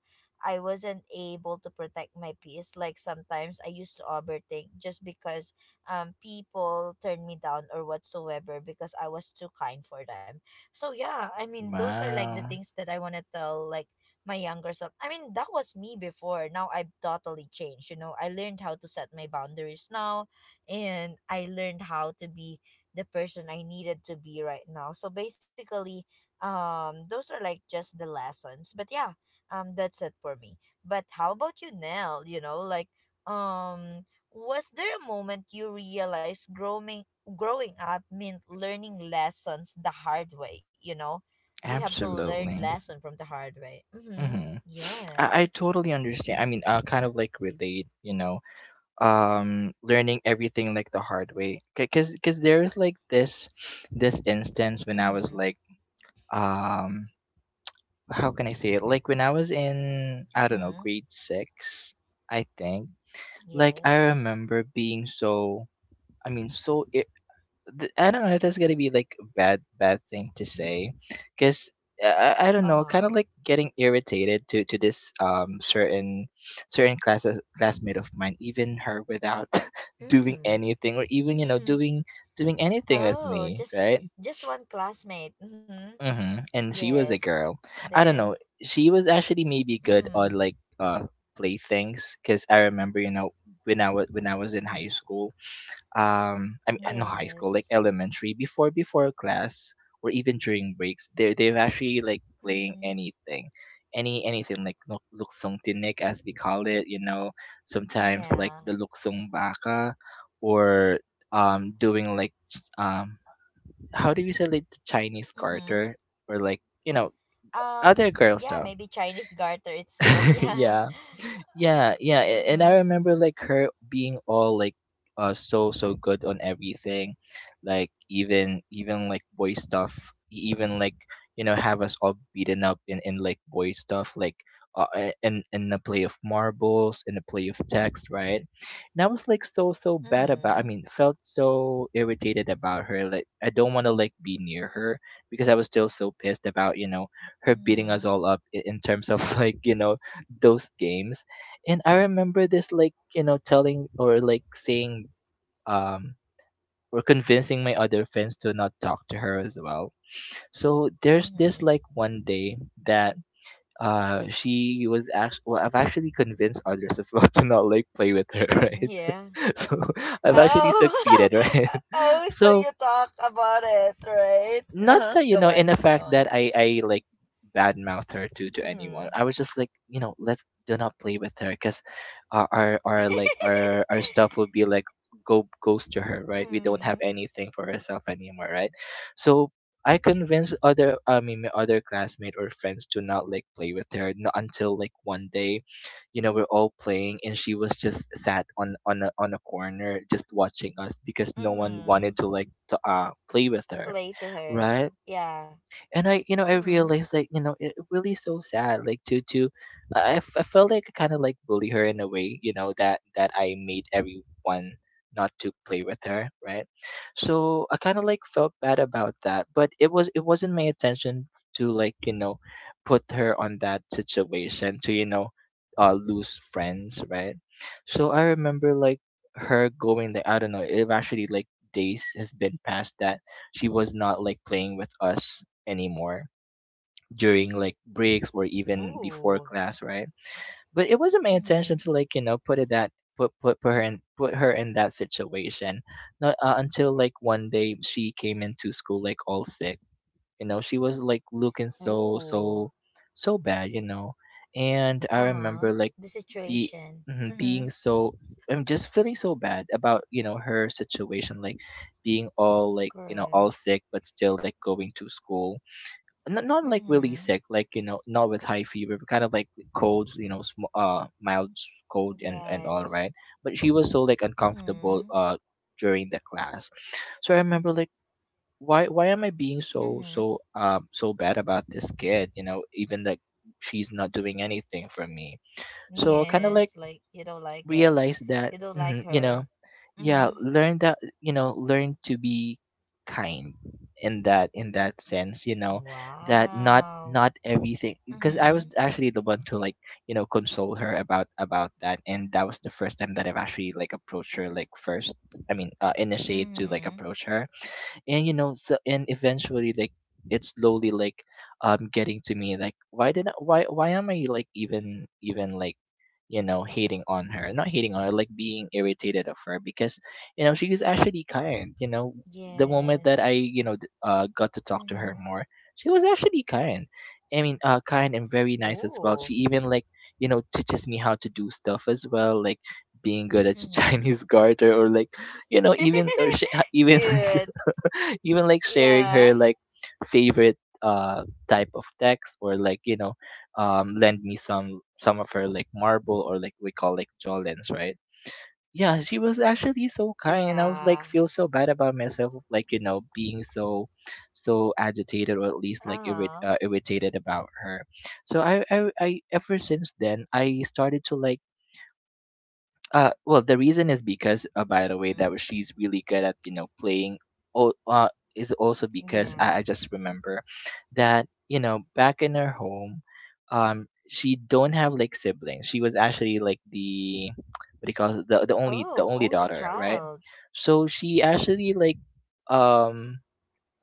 Speaker 1: I wasn't able to protect my peace, like sometimes I used to overthink just because people turned me down or whatsoever because I was too kind for them. So yeah, I mean those are like the
Speaker 2: Wow.
Speaker 1: things that I want to tell like my younger self. I mean that was me before. Now I've totally changed, you know. I learned how to set my boundaries now, and I learned how to be the person I needed to be right now. So basically, those are like just the lessons. But yeah, that's it for me. But how about you, Nell? You know, like um was there a moment you realized growing up meant learning lessons the hard way, you know? We have to learn
Speaker 2: Absolutely.
Speaker 1: lesson from the hard way. Mm-hmm.
Speaker 2: Mm-hmm. I
Speaker 1: Yes.
Speaker 2: totally understand. I mean, I kind of like relate, you know, learning everything like the hard way, because there is like this instance when I was
Speaker 1: Mm-hmm.
Speaker 2: like, um how can I say it, like when I was in, I don't know,
Speaker 1: Mm-hmm.
Speaker 2: grade six, I think. Like I
Speaker 1: Yes.
Speaker 2: remember being so, I mean, I don't know if that's gonna be like a bad bad thing to say, because I don't know,
Speaker 1: Uh-huh.
Speaker 2: kind of like getting irritated to this certain classmate of mine, even her without doing
Speaker 1: Mm.
Speaker 2: anything, or even you know
Speaker 1: Hmm.
Speaker 2: doing anything with
Speaker 1: Oh,
Speaker 2: me,
Speaker 1: just
Speaker 2: right?
Speaker 1: just one classmate. Mm-hmm.
Speaker 2: Mm-hmm. And she was a
Speaker 1: Yes.
Speaker 2: girl. I don't
Speaker 1: Then.
Speaker 2: know. She was actually maybe good
Speaker 1: Mm.
Speaker 2: on like playthings, because I remember, you know, when I was in high school, I mean not high school, like
Speaker 1: Yes.
Speaker 2: elementary, before class, or even during breaks, they're actually like
Speaker 1: Mm-hmm.
Speaker 2: playing anything. Anything like luksong tinik, as we call it, you know. Sometimes
Speaker 1: Yeah.
Speaker 2: like the luksong baka, or doing like how do you say, like the Chinese
Speaker 1: Mm-hmm.
Speaker 2: garter, or like, you know,
Speaker 1: Um,
Speaker 2: other girl
Speaker 1: yeah,
Speaker 2: stuff.
Speaker 1: maybe Chinese garter itself. Yeah.
Speaker 2: Yeah, yeah, yeah. And I
Speaker 1: Mm-hmm.
Speaker 2: remember like her being all like, so so good on everything, like even like boy stuff, even like, you know, have us all beaten up in like boy stuff, like, in the play of marbles, in the play of text, right? And I was like so so bad about,
Speaker 1: Mm-hmm.
Speaker 2: I mean, felt so irritated about her, like I don't want to like be near her, because I was still so pissed about, you know, her beating us
Speaker 1: Mm-hmm.
Speaker 2: all up in terms of, like, you know, those games. And I remember this like, you know, telling or like saying, um or convincing my other friends to not talk to her as well. So there's
Speaker 1: Mm-hmm.
Speaker 2: this like one day that she was actually, well, I've actually convinced others as well to not like play with her, right?
Speaker 1: Yeah.
Speaker 2: So I've actually
Speaker 1: Oh.
Speaker 2: succeeded, right?
Speaker 1: Oh, so
Speaker 2: So,
Speaker 1: you talk about it, right?
Speaker 2: not
Speaker 1: Uh-huh.
Speaker 2: that you
Speaker 1: Go
Speaker 2: know in the
Speaker 1: on. Go
Speaker 2: fact
Speaker 1: on.
Speaker 2: that I like badmouth her to anyone.
Speaker 1: Mm-hmm.
Speaker 2: I was just like, you know, let's do not play with her, because our like our stuff would be like go goes to her, right? We don't have
Speaker 1: Mm-hmm.
Speaker 2: anything for herself anymore, right? So I convinced other, I mean my other classmate or friends to not like play with her, not until like one day, you know, we're all playing and she was just sat on on a corner just watching us because no one wanted
Speaker 1: Mm-hmm.
Speaker 2: to like to play with her,
Speaker 1: Play to her.
Speaker 2: right?
Speaker 1: Yeah.
Speaker 2: And I, you know, I
Speaker 1: Mm-hmm.
Speaker 2: realized that, you know, it really so sad, like to I felt like I kind of like bully her in a way, you know, that I made everyone not to play with her, right? So I kind of like felt bad about that, but it wasn't my intention to, like, you know, put her on that situation to, you know, lose friends, right? So I remember like her going there, I don't know, it actually like days has been past that she was not like playing with us anymore during like breaks or even before
Speaker 1: Ooh.
Speaker 2: class, right? But it wasn't my intention
Speaker 1: Mm-hmm.
Speaker 2: to, like, you know, put it that put her in that situation. Not until like one day she came into school like all sick. You know, she was like looking so
Speaker 1: Ooh.
Speaker 2: so so bad, you know. And I remember
Speaker 1: Uh-huh.
Speaker 2: like
Speaker 1: The
Speaker 2: be
Speaker 1: situation.
Speaker 2: mhm, being
Speaker 1: Mm-hmm.
Speaker 2: so, I'm just feeling so bad about, you know, her situation, like being all like, you know, all
Speaker 1: Correct.
Speaker 2: sick but still like going to school, not like really
Speaker 1: Mm-hmm.
Speaker 2: sick, like, you know, not with high fever, but kind of like colds, you know, mild cold and all, right.
Speaker 1: Yes.
Speaker 2: But she was so like uncomfortable
Speaker 1: Mm-hmm.
Speaker 2: during the class. So I remember like, why am I being so
Speaker 1: Mm-hmm.
Speaker 2: so, so bad about this kid? You know, even like she's not doing anything for me. So kind of like
Speaker 1: Yes. Like you don't like it.
Speaker 2: realized that,
Speaker 1: You don't like
Speaker 2: you know,
Speaker 1: her.
Speaker 2: yeah,
Speaker 1: Mm-hmm.
Speaker 2: learn to be kind in that, in that sense, you know. That not,
Speaker 1: Wow.
Speaker 2: not everything, because I was
Speaker 1: Mm-hmm.
Speaker 2: actually the one to, like, you know, console her about that. And that was the first time that I've actually like approached her, like first, I mean, initiate to like
Speaker 1: Mm-hmm.
Speaker 2: approach her. And, you know, so, and eventually like it's slowly like, getting to me like, why am I like, even like, you know, hating on her, not hating on her, like being irritated of her, because, you know, she is actually kind, you know. The moment that I,
Speaker 1: Yes.
Speaker 2: you know, got to talk to her
Speaker 1: Mm-hmm.
Speaker 2: more, she was actually kind, I mean, kind and very nice as well.
Speaker 1: Ooh.
Speaker 2: She even like, you know, teaches me how to do stuff as well, like being good at
Speaker 1: Mm-hmm.
Speaker 2: Chinese garter or like, you know, even
Speaker 1: Cute.
Speaker 2: even like sharing her
Speaker 1: Yeah.
Speaker 2: like favorite type of text, or like, you know, lend me some of her like marble, or like we call like jolens, right? Yeah, she was actually so kind, and I was like
Speaker 1: Yeah.
Speaker 2: feel so bad about myself of, like, you know, being so so agitated, or at least like
Speaker 1: Uh-huh.
Speaker 2: irritated about her. So, I ever since then I started to like, well, the reason is because, by the way,
Speaker 1: Mm-hmm.
Speaker 2: she's really good at, you know, playing. Oh, is also because I
Speaker 1: Yeah.
Speaker 2: just remember that, you know, back in her home, she don't have like siblings. She was actually like the what do you call it? the the only the
Speaker 1: Oh,
Speaker 2: only
Speaker 1: only
Speaker 2: daughter, right?
Speaker 1: child.
Speaker 2: So she actually like um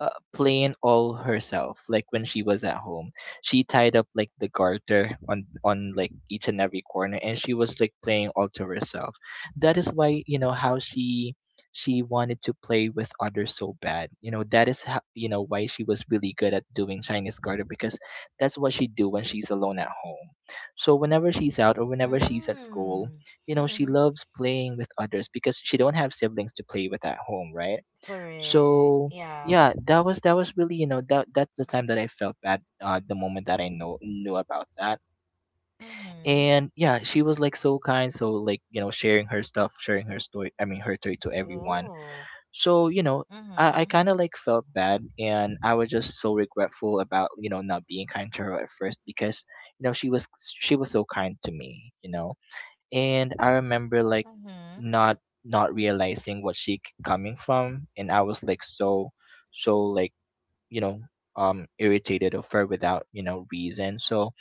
Speaker 2: plain all herself, like when she was at home, she tied up like the garter on like each and every corner, and she was like playing all to herself. That is why, you know, how she wanted to play with others so bad, you know. That is how, you know, why she was really good at doing Chinese garter, because that's what she do when she's alone at home. So whenever she's out or whenever she's at school,
Speaker 1: Mm.
Speaker 2: you know, she loves playing with others because she don't have siblings to play with at home, right?
Speaker 1: Correct.
Speaker 2: So
Speaker 1: Yeah.
Speaker 2: yeah, that was really, you know, that that's the time that I felt bad. The moment that I know knew about that,
Speaker 1: Mm-hmm.
Speaker 2: and yeah, she was like so kind, so like, you know, sharing her stuff, sharing her story, I mean her story to everyone.
Speaker 1: Ooh.
Speaker 2: So, you know, I
Speaker 1: Mm-hmm.
Speaker 2: kind of like felt bad, and I was just so regretful about, you know, not being kind to her at first because, you know, she was so kind to me, you know. And I remember like
Speaker 1: Mm-hmm.
Speaker 2: not not realizing what coming from, and I was like so so like, you know, irritated or fur without, you know, reason. So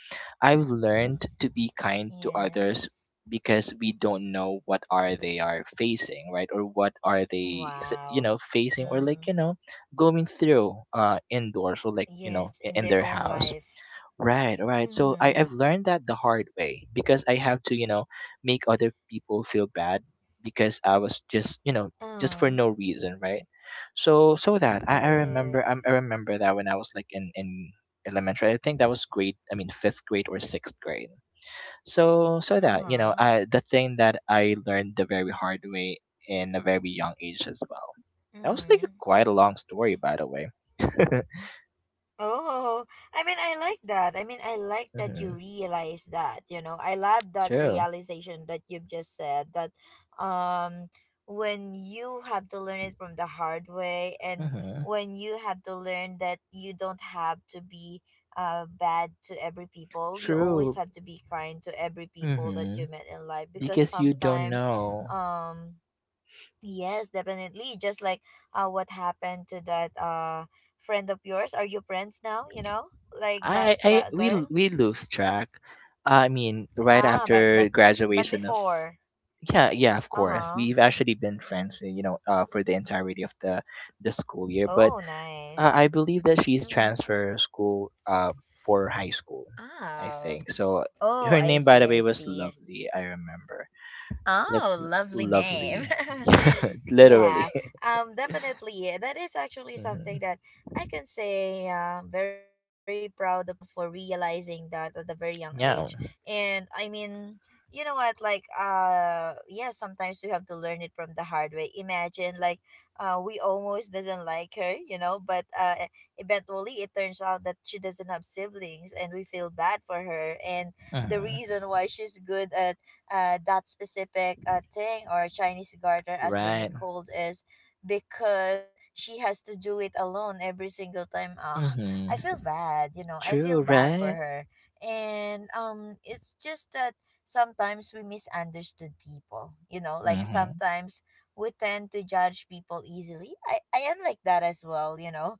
Speaker 2: I've learned to be kind to others,
Speaker 1: Yes.
Speaker 2: because we don't know what are they are facing, right? Or what are they you
Speaker 1: Wow.
Speaker 2: know, facing, or like, you
Speaker 1: Mm.
Speaker 2: know, going through indoors, or like, you know,
Speaker 1: Yes, in
Speaker 2: in
Speaker 1: their
Speaker 2: their
Speaker 1: own
Speaker 2: house.
Speaker 1: life.
Speaker 2: Right, right. So I,
Speaker 1: Mm-hmm.
Speaker 2: I've learned that the hard way, because I have to, you know, make other people feel bad because I was just, you know, just for
Speaker 1: Uh,
Speaker 2: no reason, right? So so that, I remember,
Speaker 1: Correct.
Speaker 2: I remember that when I was like in, elementary, I think that was grade, I mean fifth grade or sixth grade. So so that, you
Speaker 1: Uh-huh.
Speaker 2: know, I the thing that I learned the very hard way in a very young age as well. That was
Speaker 1: Mm-hmm.
Speaker 2: like a, quite a long story, by the way.
Speaker 1: Oh, I mean, I like that. I mean, I like that you
Speaker 2: Hmm.
Speaker 1: realize that. I love that
Speaker 2: True.
Speaker 1: realization that you've just said, that um when you have to learn it from the hard way, and
Speaker 2: Hmm.
Speaker 1: when you have to learn that you don't have to be bad to every people. You always
Speaker 2: True.
Speaker 1: have to be kind to every people that
Speaker 2: Mm-hmm.
Speaker 1: you met in life, because
Speaker 2: Because you don't
Speaker 1: sometimes.
Speaker 2: know.
Speaker 1: um Yes, definitely. Just like what happened to that friend of yours. Are you friends now? Like that that
Speaker 2: We,
Speaker 1: girl.
Speaker 2: we lose track. I mean, right
Speaker 1: Ah, but
Speaker 2: after graduation of,
Speaker 1: before.
Speaker 2: yeah, yeah, of
Speaker 1: Uh
Speaker 2: course.
Speaker 1: huh.
Speaker 2: We've actually been friends, you know, for the entirety of the school year. But
Speaker 1: Oh,
Speaker 2: uh,
Speaker 1: nice.
Speaker 2: I believe that she's
Speaker 1: Mm-hmm.
Speaker 2: transferred school, for high school, I
Speaker 1: Ah.
Speaker 2: think. So
Speaker 1: Oh,
Speaker 2: her
Speaker 1: I
Speaker 2: name, by
Speaker 1: see.
Speaker 2: the
Speaker 1: I
Speaker 2: way, was
Speaker 1: see.
Speaker 2: Lovely. I remember.
Speaker 1: Oh,
Speaker 2: Let's
Speaker 1: lovely name.
Speaker 2: Lovely, yeah, literally.
Speaker 1: Yeah, definitely. That is actually something
Speaker 2: hmm
Speaker 1: that I can say, very proud of you for realizing that at a very young age.
Speaker 2: Yeah.
Speaker 1: And I mean, you know what? Like, yeah, sometimes we have to learn it from the hard way. Imagine, like, we almost doesn't like her, you know, but eventually it turns out that she doesn't have siblings, and we feel bad for her. And the
Speaker 2: hmm
Speaker 1: reason why she's good at that specific thing, or Chinese garter as they may
Speaker 2: Right.
Speaker 1: call it, is because she has to do it alone every single time. Ah,
Speaker 2: hmm
Speaker 1: I feel bad, I feel
Speaker 2: True,
Speaker 1: bad for
Speaker 2: right?
Speaker 1: her. And it's just that sometimes we misunderstood people, like
Speaker 2: Mhm.
Speaker 1: sometimes we tend to judge people easily. I am like that as well.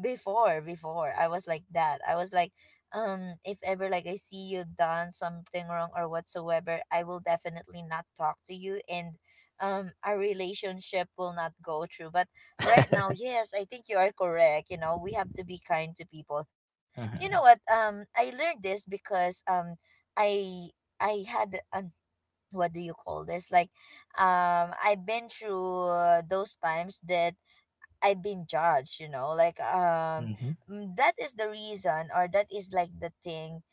Speaker 1: Before, before I was like that. I was like if ever like I see you done something wrong or whatsoever, I will definitely not talk to you. And our relationship will not go through. But right now, yes, I think you are correct. You know, we have to be kind to people. You know
Speaker 2: Mhm.
Speaker 1: what? I learned this because i I had what do you call this, like I've been through those times that I've been judged, you know. Like
Speaker 2: Mhm.
Speaker 1: that is the reason, or that is like the thing.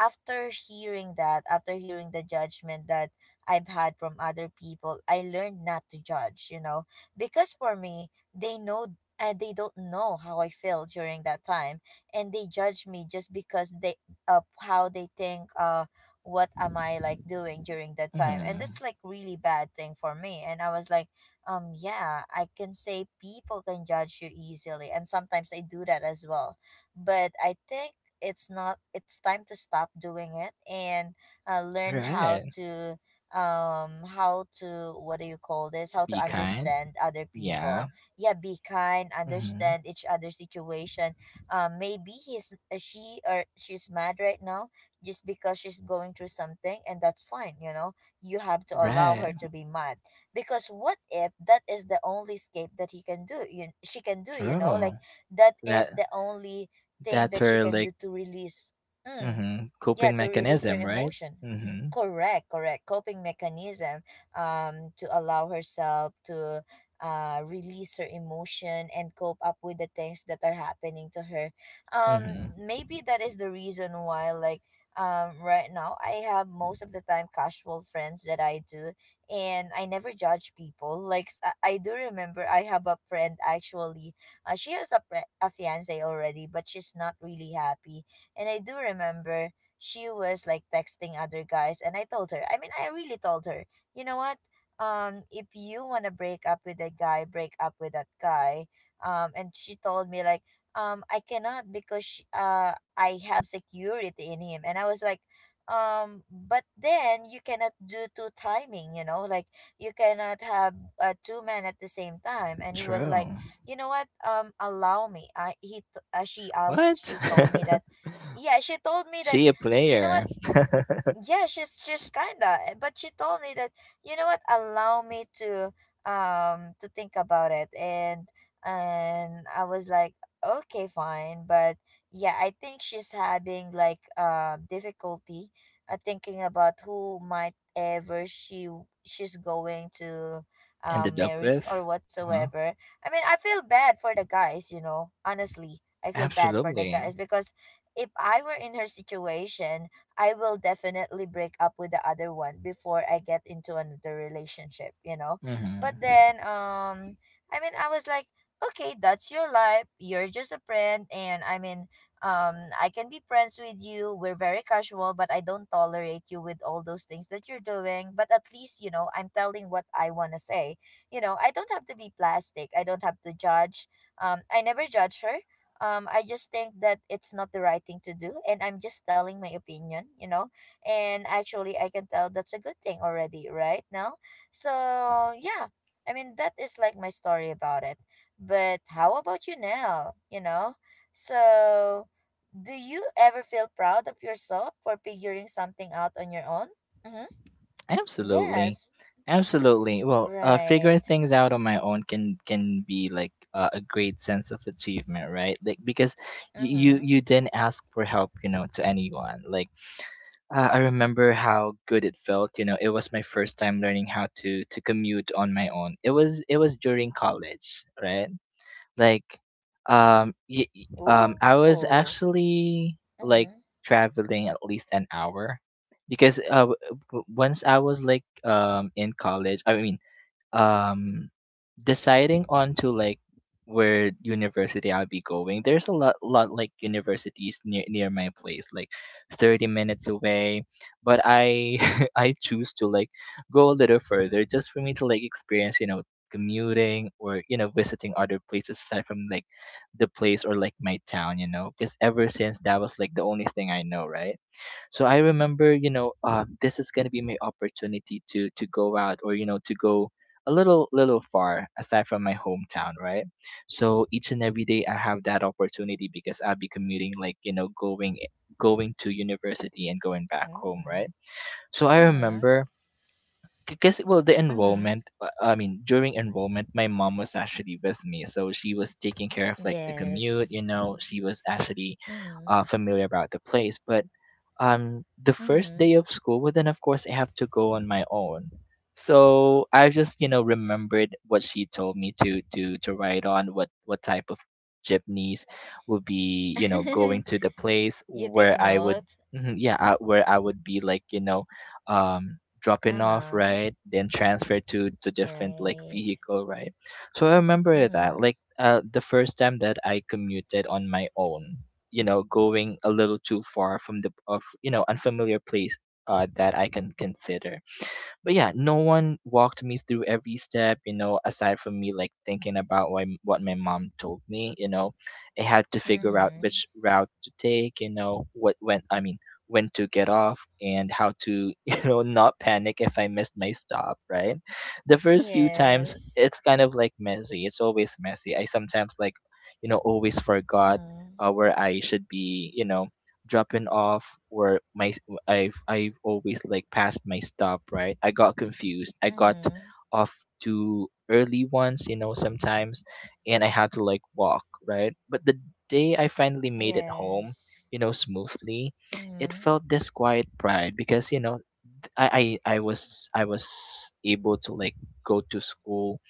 Speaker 1: After hearing that, after hearing the judgment that I've had from other people, I learned not to judge, you know, because for me, they don't know how I feel during that time. And they judge me just because they of how they think, what am I like doing during that time. And that's
Speaker 2: Mhm.
Speaker 1: like really bad thing for me. And I was like, yeah, I can say people can judge you easily, and sometimes I do that as well. But I think it's not it's time to stop doing it. And learned how
Speaker 2: Right.
Speaker 1: to, how to, what do you call this, how to
Speaker 2: Be kind.
Speaker 1: understand other people.
Speaker 2: Yeah.
Speaker 1: Yeah, be kind.
Speaker 2: Mhm.
Speaker 1: Understand each other's situation. Maybe he's she, or she's mad right now, just because she's going through something. And that's fine. You know, you have to allow her
Speaker 2: Right.
Speaker 1: to be mad. Because what if that is the only escape that he can do you she can do, you know? Like
Speaker 2: True.
Speaker 1: that is
Speaker 2: That
Speaker 1: the only thing
Speaker 2: that's
Speaker 1: that she
Speaker 2: her
Speaker 1: can do
Speaker 2: like
Speaker 1: to release. Hmm.
Speaker 2: mhm
Speaker 1: Yeah,
Speaker 2: coping
Speaker 1: to release her
Speaker 2: mechanism, right?
Speaker 1: emotion.
Speaker 2: Mhm.
Speaker 1: Correct, correct, coping mechanism. To allow herself to release her emotion, and cope up with the things that are happening to her.
Speaker 2: Mhm.
Speaker 1: Maybe that is the reason why, like, right now I have, most of the time, casual friends that I do. And I never judge people like I do remember I have a friend, actually. She has a fiance already, but she's not really happy. And I do remember she was like texting other guys, and I told her. I mean, I really told her, "You know what? If you want to break up with a guy, break up with that guy." And she told me, like, I cannot because I have security in him." And I was like, but then you cannot do two timing, like you cannot have two men at the same time. And he was like,
Speaker 2: True.
Speaker 1: you know what, allow me. I he t- she
Speaker 2: What?
Speaker 1: She told me that. Yeah, she told me that,
Speaker 2: She a
Speaker 1: you know what?
Speaker 2: player.
Speaker 1: Yeah, she's just kinda. But she told me that, you know what? Allow me to think about it. And I was like, okay, fine. But yeah, I think she's having like difficulty thinking about who might ever she's going to
Speaker 2: Ended up
Speaker 1: marry or
Speaker 2: with? Huh?
Speaker 1: whatsoever. I mean, I feel bad for the guys. You know, honestly, I feel bad for the guys,
Speaker 2: Absolutely.
Speaker 1: because if I were in her situation, I will definitely break up with the other one before I get into another relationship, you know.
Speaker 2: Mhm.
Speaker 1: But then, I mean, I was like, okay, that's your life. You're just a friend. And I mean, I can be friends with you. We're very casual, but I don't tolerate you with all those things that you're doing. But at least, you know, I'm telling what I want to say. You know, I don't have to be plastic. I don't have to judge. I never judge her. I just think that it's not the right thing to do, and I'm just telling my opinion, you know. And actually, I can tell that's a good thing already right now. So yeah, I mean that is like my story about it. But how about you now, so do you ever feel proud of yourself for figuring something out on your own? Mm-hmm.
Speaker 2: Absolutely.
Speaker 1: Yes.
Speaker 2: Absolutely. Well, figuring
Speaker 1: Right.
Speaker 2: things out on my own can be like a great sense of achievement, right? Like because you,
Speaker 1: Mm-hmm.
Speaker 2: you you didn't ask for help, you know, to anyone. Like I remember how good it felt. You know, it was my first time learning how to commute on my own. It was during college, right? Like, I
Speaker 1: Ooh.
Speaker 2: was actually
Speaker 1: Mm-hmm.
Speaker 2: like traveling at least an hour because once I was like in college, I mean um deciding on to like where university I'll be going. There's a lot like universities near my place, like 30 minutes away, but I I choose to like go a little further just for me to like experience, you know, commuting or you know visiting other places aside from like the place or like my town, you know, because ever since that was like the only thing I know, right? So I remember, you know, this is gonna be my opportunity to go out or you know to go a little far aside from my hometown, right? So each and every day I have that opportunity because I'll be commuting, like you know, going to university and going back home,
Speaker 1: Mm.
Speaker 2: right? So I
Speaker 1: Mm-hmm.
Speaker 2: remember. Because well, the
Speaker 1: Mm-hmm.
Speaker 2: enrollment. I mean, during enrollment, my mom was actually with me, so she was taking care of like the commute.
Speaker 1: Yes.
Speaker 2: You know, she was actually
Speaker 1: Mm-hmm.
Speaker 2: familiar about the place. But the first
Speaker 1: Mm-hmm.
Speaker 2: day of school but then of course I have to go on my own, so I just you know remembered what she told me to write on what type of jeepneys would be you know going to the place
Speaker 1: You take
Speaker 2: where I would.
Speaker 1: note.
Speaker 2: Mhm, yeah, where I would be like you know dropping off
Speaker 1: Uh-huh.
Speaker 2: right then transfer to different like
Speaker 1: Right.
Speaker 2: vehicle, right? So I remember that
Speaker 1: Mm-hmm.
Speaker 2: like the first time that I commuted on my own, you know, going a little too far from the of you know unfamiliar place that I can consider. But yeah, no one walked me through every step, you know, aside from me like thinking about what, what my mom told me, you know. I had to figure out
Speaker 1: Mm-hmm.
Speaker 2: which route to take, you know, what when I mean when to get off and how to, you know, not panic if I missed my stop, right? The first few times
Speaker 1: Yes.
Speaker 2: it's kind of like messy. It's always messy. I sometimes like, you know, always forgot
Speaker 1: Mm-hmm.
Speaker 2: where I should be, you know, dropping off or my I've always like passed my stop, right? I got confused. I got
Speaker 1: Mm-hmm.
Speaker 2: off too early once, you know, sometimes, and I had to like walk, right? But the day I finally made it home,
Speaker 1: Yes.
Speaker 2: you know, smoothly, it
Speaker 1: Mm-hmm.
Speaker 2: felt this quiet pride because you know I was able to like go to school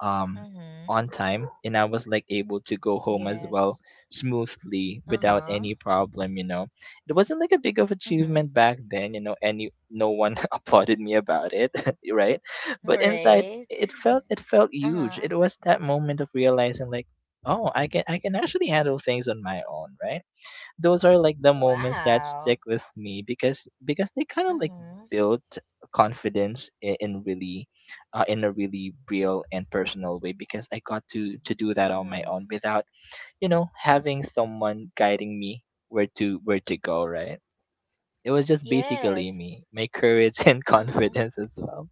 Speaker 2: um,
Speaker 1: Mm-hmm.
Speaker 2: on time, and I was like able to go home as well
Speaker 1: Yes.
Speaker 2: smoothly without
Speaker 1: Uh-huh.
Speaker 2: any problem. You know, it wasn't like a big of
Speaker 1: Mm-hmm.
Speaker 2: achievement back then. You know, and you, no one applauded me about it, right? But inside,
Speaker 1: Right.
Speaker 2: it felt huge.
Speaker 1: Uh-huh.
Speaker 2: It was that moment of realizing like. Oh, I can actually handle things on my own, right? Those are like the moments that
Speaker 1: Wow.
Speaker 2: stick with me because they kind of like
Speaker 1: Mm-hmm.
Speaker 2: build confidence in really in a really real and personal way because I got to do that on my
Speaker 1: Mm-hmm.
Speaker 2: own without you know having someone guiding me where to go, right? It was just basically
Speaker 1: Yes.
Speaker 2: me, my courage and
Speaker 1: Mm-hmm.
Speaker 2: confidence as well.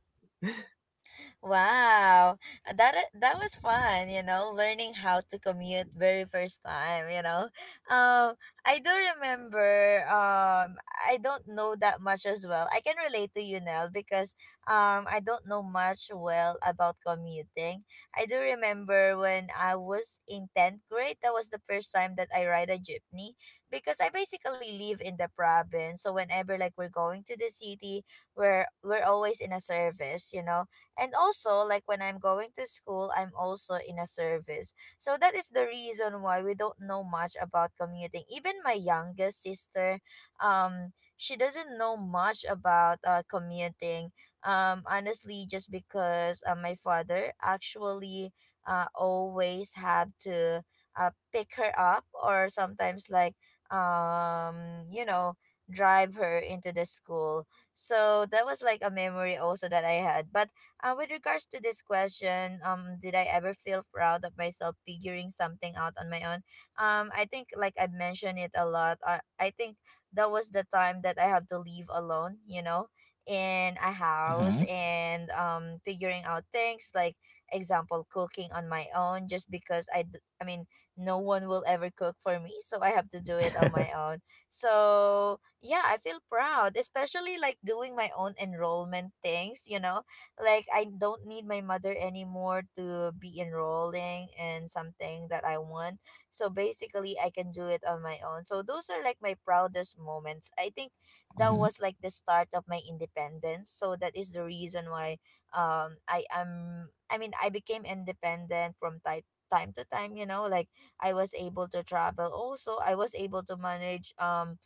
Speaker 1: Wow. That was fun. You know, learning how to commute very first time. You know, um, I do remember. I don't know that much as well. I can relate to you, Nell, because I don't know much well about commuting. I do remember when I was in 10th grade. That was the first time that I ride a jeepney, because I basically live in the province. So whenever like we're going to the city, we're always in a service. You know, and also, like when I'm going to school, I'm also in a service. So that is the reason why we don't know much about commuting. Even my youngest sister, she doesn't know much about commuting. Honestly, just because my father actually always had to pick her up, or sometimes, like, um you know drive her into the school. So that was like a memory also that I had. But with regards to this question, did I ever feel proud of myself figuring something out on my own? I think, like I mentioned it a lot, I think that was the time that I have to leave alone. You know, in a house,
Speaker 2: Mm-hmm.
Speaker 1: and figuring out things like example cooking on my own, just because I mean no one will ever cook for me, so I have to do it on my own. So yeah, I feel proud, especially like doing my own enrollment things, you know, like I don't need my mother anymore to be enrolling in something that I want. So basically I can do it on my own. So those are like my proudest moments. I think that
Speaker 2: Mm-hmm.
Speaker 1: was like the start of my independence. So that is the reason why I mean I became independent from time to time, you know, like I was able to travel. Also, I was able to manage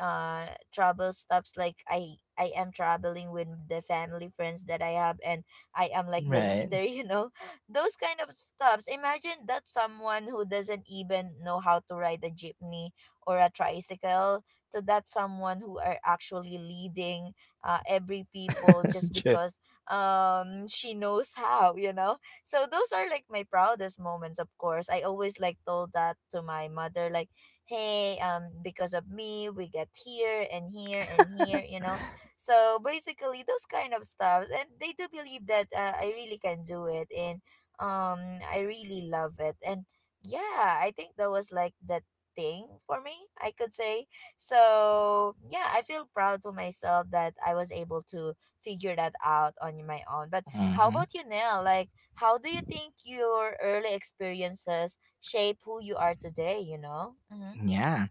Speaker 1: uh travel stops. Like I am traveling with the family friends that I have, and I am like the
Speaker 2: Right.
Speaker 1: leader you know, those kind of stops. Imagine that someone who doesn't even know how to ride a jeepney or a tricycle to that someone who are actually leading every people just
Speaker 2: Sure.
Speaker 1: because she knows how, so those are like my proudest moments. Of course I always like told that to my mother like, hey, because of me we get here and here and here, so basically those kind of stuff. And they do believe that I really can do it. And I really love it. And yeah, I think that was like that thing for me, I could say. So yeah, I feel proud to myself that I was able to figure that out on my own. But how
Speaker 2: Mm-hmm.
Speaker 1: about you now? Like, how do you think your early experiences shape who you are today, Mm-hmm.
Speaker 2: Yeah,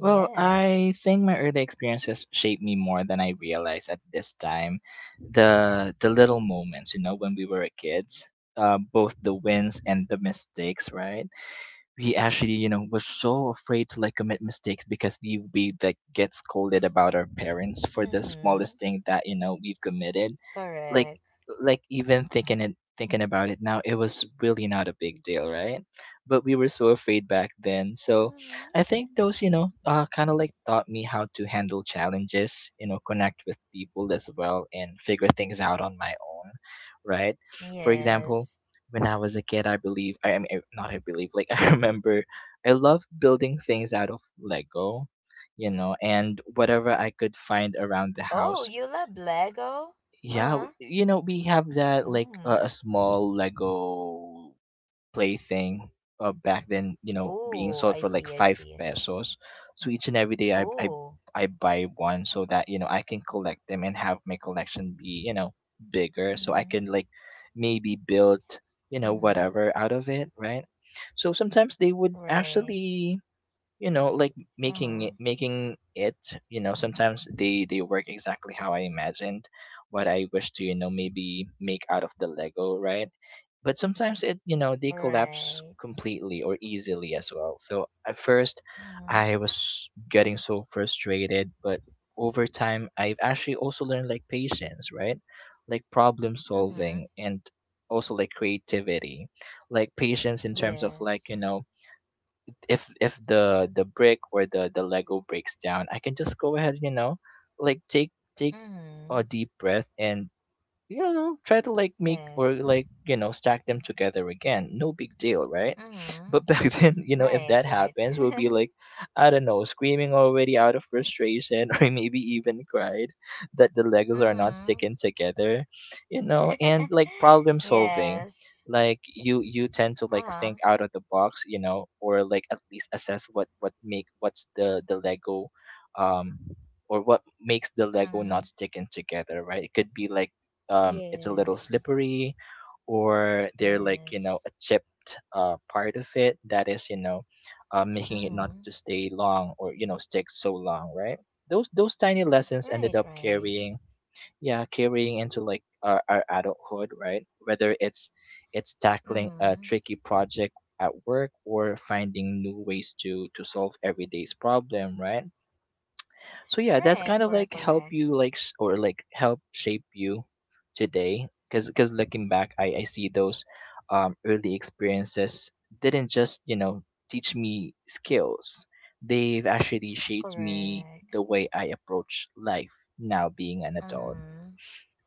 Speaker 2: well, I think my early experiences shaped me more than I realized at this time. The little moments, you know, when we were kids, both the wins and the mistakes, right? We actually, you know, were so afraid to like commit mistakes because we like get scolded about our parents for the
Speaker 1: Mm-hmm.
Speaker 2: smallest thing that you know we've committed like
Speaker 1: Correct.
Speaker 2: like even thinking about it now it was really not a big deal, right? But we were so afraid back then, so
Speaker 1: Mm-hmm.
Speaker 2: I think those you know kind of like taught me how to handle challenges, you know, connect with people as well and figure things out on my own, right? For example,
Speaker 1: Yes.
Speaker 2: when I was a kid I believe I mean I- not I believe like I remember I love building things out of Lego, you know, and whatever I could find around the
Speaker 1: Oh,
Speaker 2: house.
Speaker 1: you love Lego?
Speaker 2: Yeah,
Speaker 1: Uh-huh.
Speaker 2: you know, we have that like a
Speaker 1: Mm.
Speaker 2: small Lego play thing back then, you know, being
Speaker 1: Oh,
Speaker 2: sold
Speaker 1: I
Speaker 2: for like
Speaker 1: see, I
Speaker 2: five
Speaker 1: see.
Speaker 2: pesos. So each and every day
Speaker 1: Oh.
Speaker 2: I buy one so that, you know, I can collect them and have my collection be, you know, bigger so I
Speaker 1: Mm-hmm.
Speaker 2: can like maybe build, you know,
Speaker 1: Mm-hmm.
Speaker 2: whatever out of it, right? So sometimes they would
Speaker 1: Right.
Speaker 2: actually you know like making
Speaker 1: Uh-huh.
Speaker 2: it making it you know sometimes they work exactly how I imagined what I wish to you know maybe make out of the Lego, right? But sometimes it you know they collapse
Speaker 1: Right.
Speaker 2: completely or easily as well, so at first
Speaker 1: Mm-hmm.
Speaker 2: I was getting so frustrated, but over time I've actually also learned like patience, right? Like problem solving
Speaker 1: Mm-hmm.
Speaker 2: and also like creativity, like patience in terms of like
Speaker 1: Yes.
Speaker 2: you know if the brick or the Lego breaks down I can just go ahead you know like take a
Speaker 1: Mm-hmm.
Speaker 2: deep breath and you know try to like make or
Speaker 1: Yes.
Speaker 2: like you know stack them together again, no big deal, right?
Speaker 1: Mm-hmm.
Speaker 2: But back then you know if
Speaker 1: Right,
Speaker 2: that
Speaker 1: right.
Speaker 2: happens we'll be like I don't know screaming already out of frustration or maybe even cried that the Legos are not
Speaker 1: Mm-hmm.
Speaker 2: sticking together, you know, and like problem solving,
Speaker 1: Yes.
Speaker 2: like you tend to like
Speaker 1: Uh-huh.
Speaker 2: think out of the box, you know, or like at least assess what make what's the Lego um or what makes the Lego not
Speaker 1: Mm.
Speaker 2: sticking together, right? It could be like it's a little
Speaker 1: Yes.
Speaker 2: slippery, or they're like you know a
Speaker 1: Yes.
Speaker 2: chipped part of it that is you know making it not
Speaker 1: Mm-hmm.
Speaker 2: to stay long or you know stick so long, right? Those tiny lessons ended
Speaker 1: Right,
Speaker 2: up
Speaker 1: right.
Speaker 2: carrying yeah carrying into like our adulthood, right? Whether it's tackling a
Speaker 1: Mm-hmm.
Speaker 2: tricky project at work or finding new ways to solve everyday's problem, right? So yeah, that's
Speaker 1: Right,
Speaker 2: kind of
Speaker 1: correct,
Speaker 2: like help
Speaker 1: correct.
Speaker 2: you like or like help shape you today because looking back I see those early experiences didn't just you know teach me skills, they've actually shaped me
Speaker 1: Correct.
Speaker 2: the way I approach life now being an adult.
Speaker 1: Mm-hmm.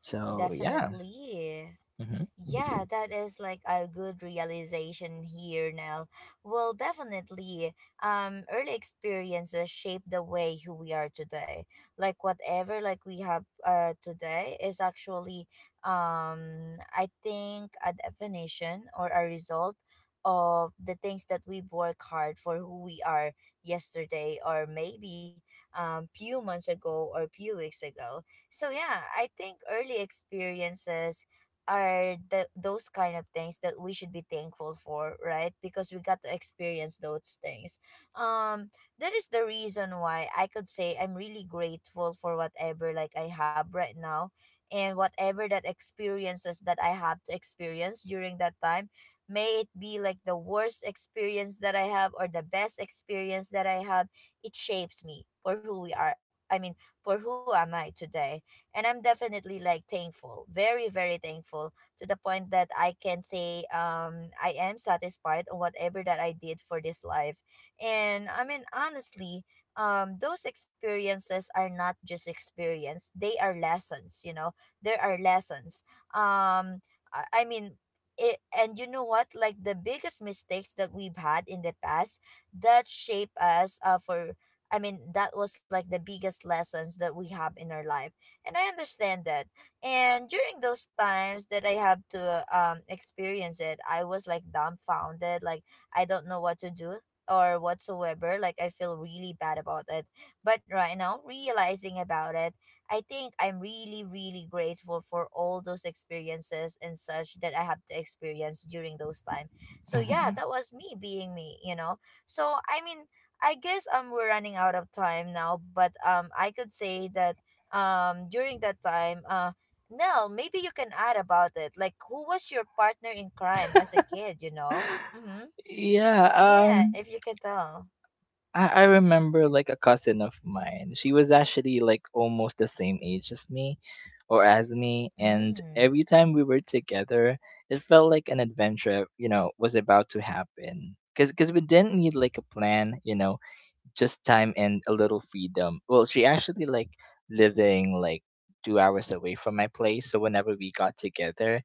Speaker 2: So yeah.
Speaker 1: Definitely.
Speaker 2: hmm
Speaker 1: Yeah, that is like a good realization here, Nell. Well, definitely, early experiences shape the way who we are today. Like whatever like we have today is actually I think a definition or a result of the things that we work hard for who we are yesterday, or maybe few months ago or few weeks ago. So yeah, I think early experiences are the those kind of things that we should be thankful for, right? Because we got to experience those things. um that is the reason why I could say I'm really grateful for whatever like I have right now, and whatever that experiences that I have to experience during that time, may it be like the worst experience that I have or the best experience that I have, it shapes me for who we are, I mean for who am I today. And I'm definitely like thankful, very very thankful, to the point that I can say I am satisfied on whatever that I did for this life. And I mean, honestly, those experiences are not just experience, they are lessons, you know. There are lessons. Um I mean it, and you know what, like the biggest mistakes that we've had in the past that shape us for, I mean, that was like the biggest lessons that we have in our life. And I understand that. And during those times that I have to experience it, I was like dumbfounded, like I don't know what to do or whatsoever. Like I feel really bad about it. But right now, realizing about it, I think I'm really, really grateful for all those experiences and such that I have to experience during those time. So yeah,
Speaker 2: hmm
Speaker 1: that was me being me, you know. So I mean, I guess we're running out of time now, but I could say that during that time Nell, maybe you can add about it. Like, who was your partner in crime as a kid, Mm-hmm.
Speaker 2: Yeah,
Speaker 1: Yeah,
Speaker 2: um
Speaker 1: if you can tell.
Speaker 2: I remember like a cousin of mine. She was actually like almost the same age of me or as me. And
Speaker 1: Mm.
Speaker 2: every time we were together, it felt like an adventure, you know, was about to happen. Cause, cause we didn't need like a plan, you know, just time and a little freedom. Well, she actually like living like 2 hours away from my place. So whenever we got together,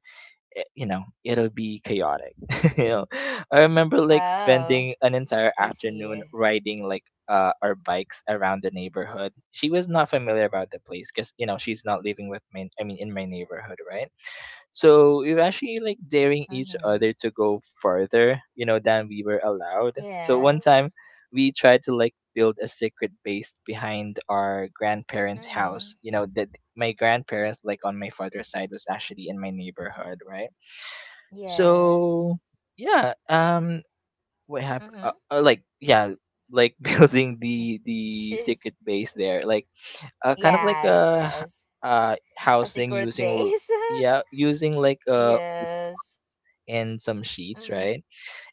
Speaker 2: eh, you know it'll be chaotic. You know, I remember like
Speaker 1: Oh,
Speaker 2: spending an entire
Speaker 1: I
Speaker 2: afternoon
Speaker 1: see.
Speaker 2: riding like our bikes around the neighborhood. She was not familiar about the place because you know she's not living with me I mean in my neighborhood, right? So we were actually like daring each
Speaker 1: Mm-hmm.
Speaker 2: other to go further you know than we were allowed, so one
Speaker 1: Yes.
Speaker 2: time we tried to like build a secret base behind our grandparents
Speaker 1: Mm-hmm.
Speaker 2: house, you know that my grandparents like on my father's side was actually in my neighborhood, right?
Speaker 1: Yes.
Speaker 2: So yeah, what happened?
Speaker 1: Mm-hmm.
Speaker 2: Like yeah, like building the
Speaker 1: She's...
Speaker 2: secret base there, like kind of like
Speaker 1: Yes,
Speaker 2: a h-
Speaker 1: yes.
Speaker 2: uh
Speaker 1: A
Speaker 2: housing
Speaker 1: secret
Speaker 2: using
Speaker 1: base.
Speaker 2: yeah using like
Speaker 1: Yes.
Speaker 2: and some sheets,
Speaker 1: Mm-hmm.
Speaker 2: right?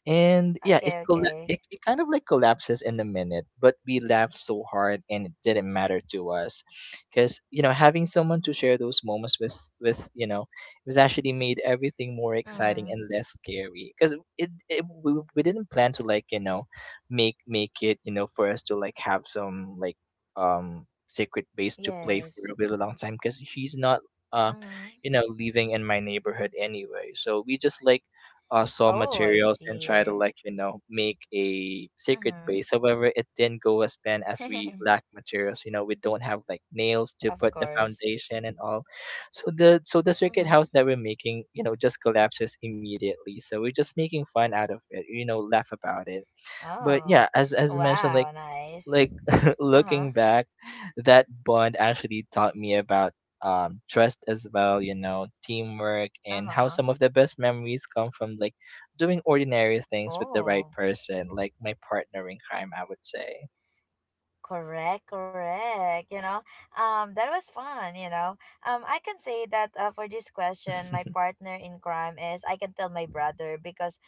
Speaker 2: And yeah
Speaker 1: Okay, okay.
Speaker 2: it it kind of like collapses in a minute but we laughed so hard and it didn't matter to us because you know having someone to share those moments with you know it was actually made everything more exciting
Speaker 1: Mm.
Speaker 2: and less scary because we didn't plan to like you know make it you know for us to like have some like secret base to play for
Speaker 1: Yes.
Speaker 2: a really long time because he's not uh
Speaker 1: Mm-hmm.
Speaker 2: you know living in my neighborhood anyway, so we just like saw
Speaker 1: Oh, I
Speaker 2: materials and try to
Speaker 1: see.
Speaker 2: like you know make a secret
Speaker 1: Mm-hmm.
Speaker 2: base, however it didn't go as planned as we lack materials you know we don't have like nails to
Speaker 1: Of
Speaker 2: put the
Speaker 1: course.
Speaker 2: foundation and all. So the circuit
Speaker 1: Mm-hmm.
Speaker 2: house that we're making you know just collapses immediately so we're just making fun out of it you know laugh about it. But
Speaker 1: Oh,
Speaker 2: yeah, as mentioned
Speaker 1: wow, nice.
Speaker 2: like
Speaker 1: Uh huh.
Speaker 2: looking back, that bond actually taught me about trust as well, you know, teamwork
Speaker 1: Uh
Speaker 2: and how
Speaker 1: huh.
Speaker 2: some of the best memories come from like doing ordinary things with the right
Speaker 1: Oh.
Speaker 2: person, like my partner in crime, I would say.
Speaker 1: Correct, correct. You know, that was fun. You know, I can say that for this question, my partner in crime is I can tell my brother because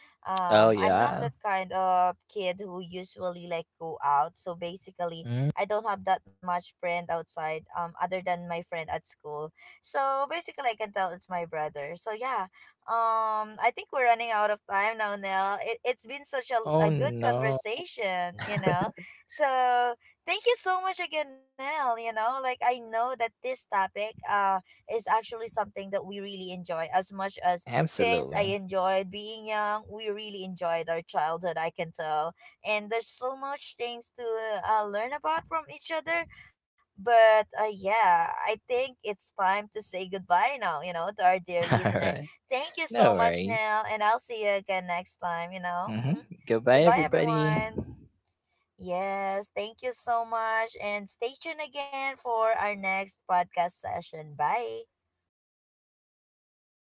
Speaker 2: Oh
Speaker 1: I'm not
Speaker 2: yeah.
Speaker 1: that kind of kid who usually like go out. So basically,
Speaker 2: Mm.
Speaker 1: I don't have that much friend outside. Other than my friend at school. So basically, I can tell it's my brother. So yeah, I think we're running out of time now, Nell. It's been such a
Speaker 2: Oh
Speaker 1: good
Speaker 2: no.
Speaker 1: conversation. You know, so. Thank you so much again, Nell. You know, like I know that this topic is actually something that we really enjoy as much as things I
Speaker 2: Absolutely.
Speaker 1: enjoyed being young. We really enjoyed our childhood, I can tell. And there's so much things to learn about from each other. But yeah, I think it's time to say goodbye now, you know, to our dear
Speaker 2: All
Speaker 1: listener.
Speaker 2: right.
Speaker 1: Thank you so
Speaker 2: No
Speaker 1: much,
Speaker 2: worries.
Speaker 1: Nell, and I'll see you again next time, you know. Hmm.
Speaker 2: Mm-hmm. Goodbye
Speaker 1: Goodbye,
Speaker 2: everybody.
Speaker 1: everyone. Yes, thank you so much. And stay tuned again for our next podcast session. Bye.
Speaker 2: Bye.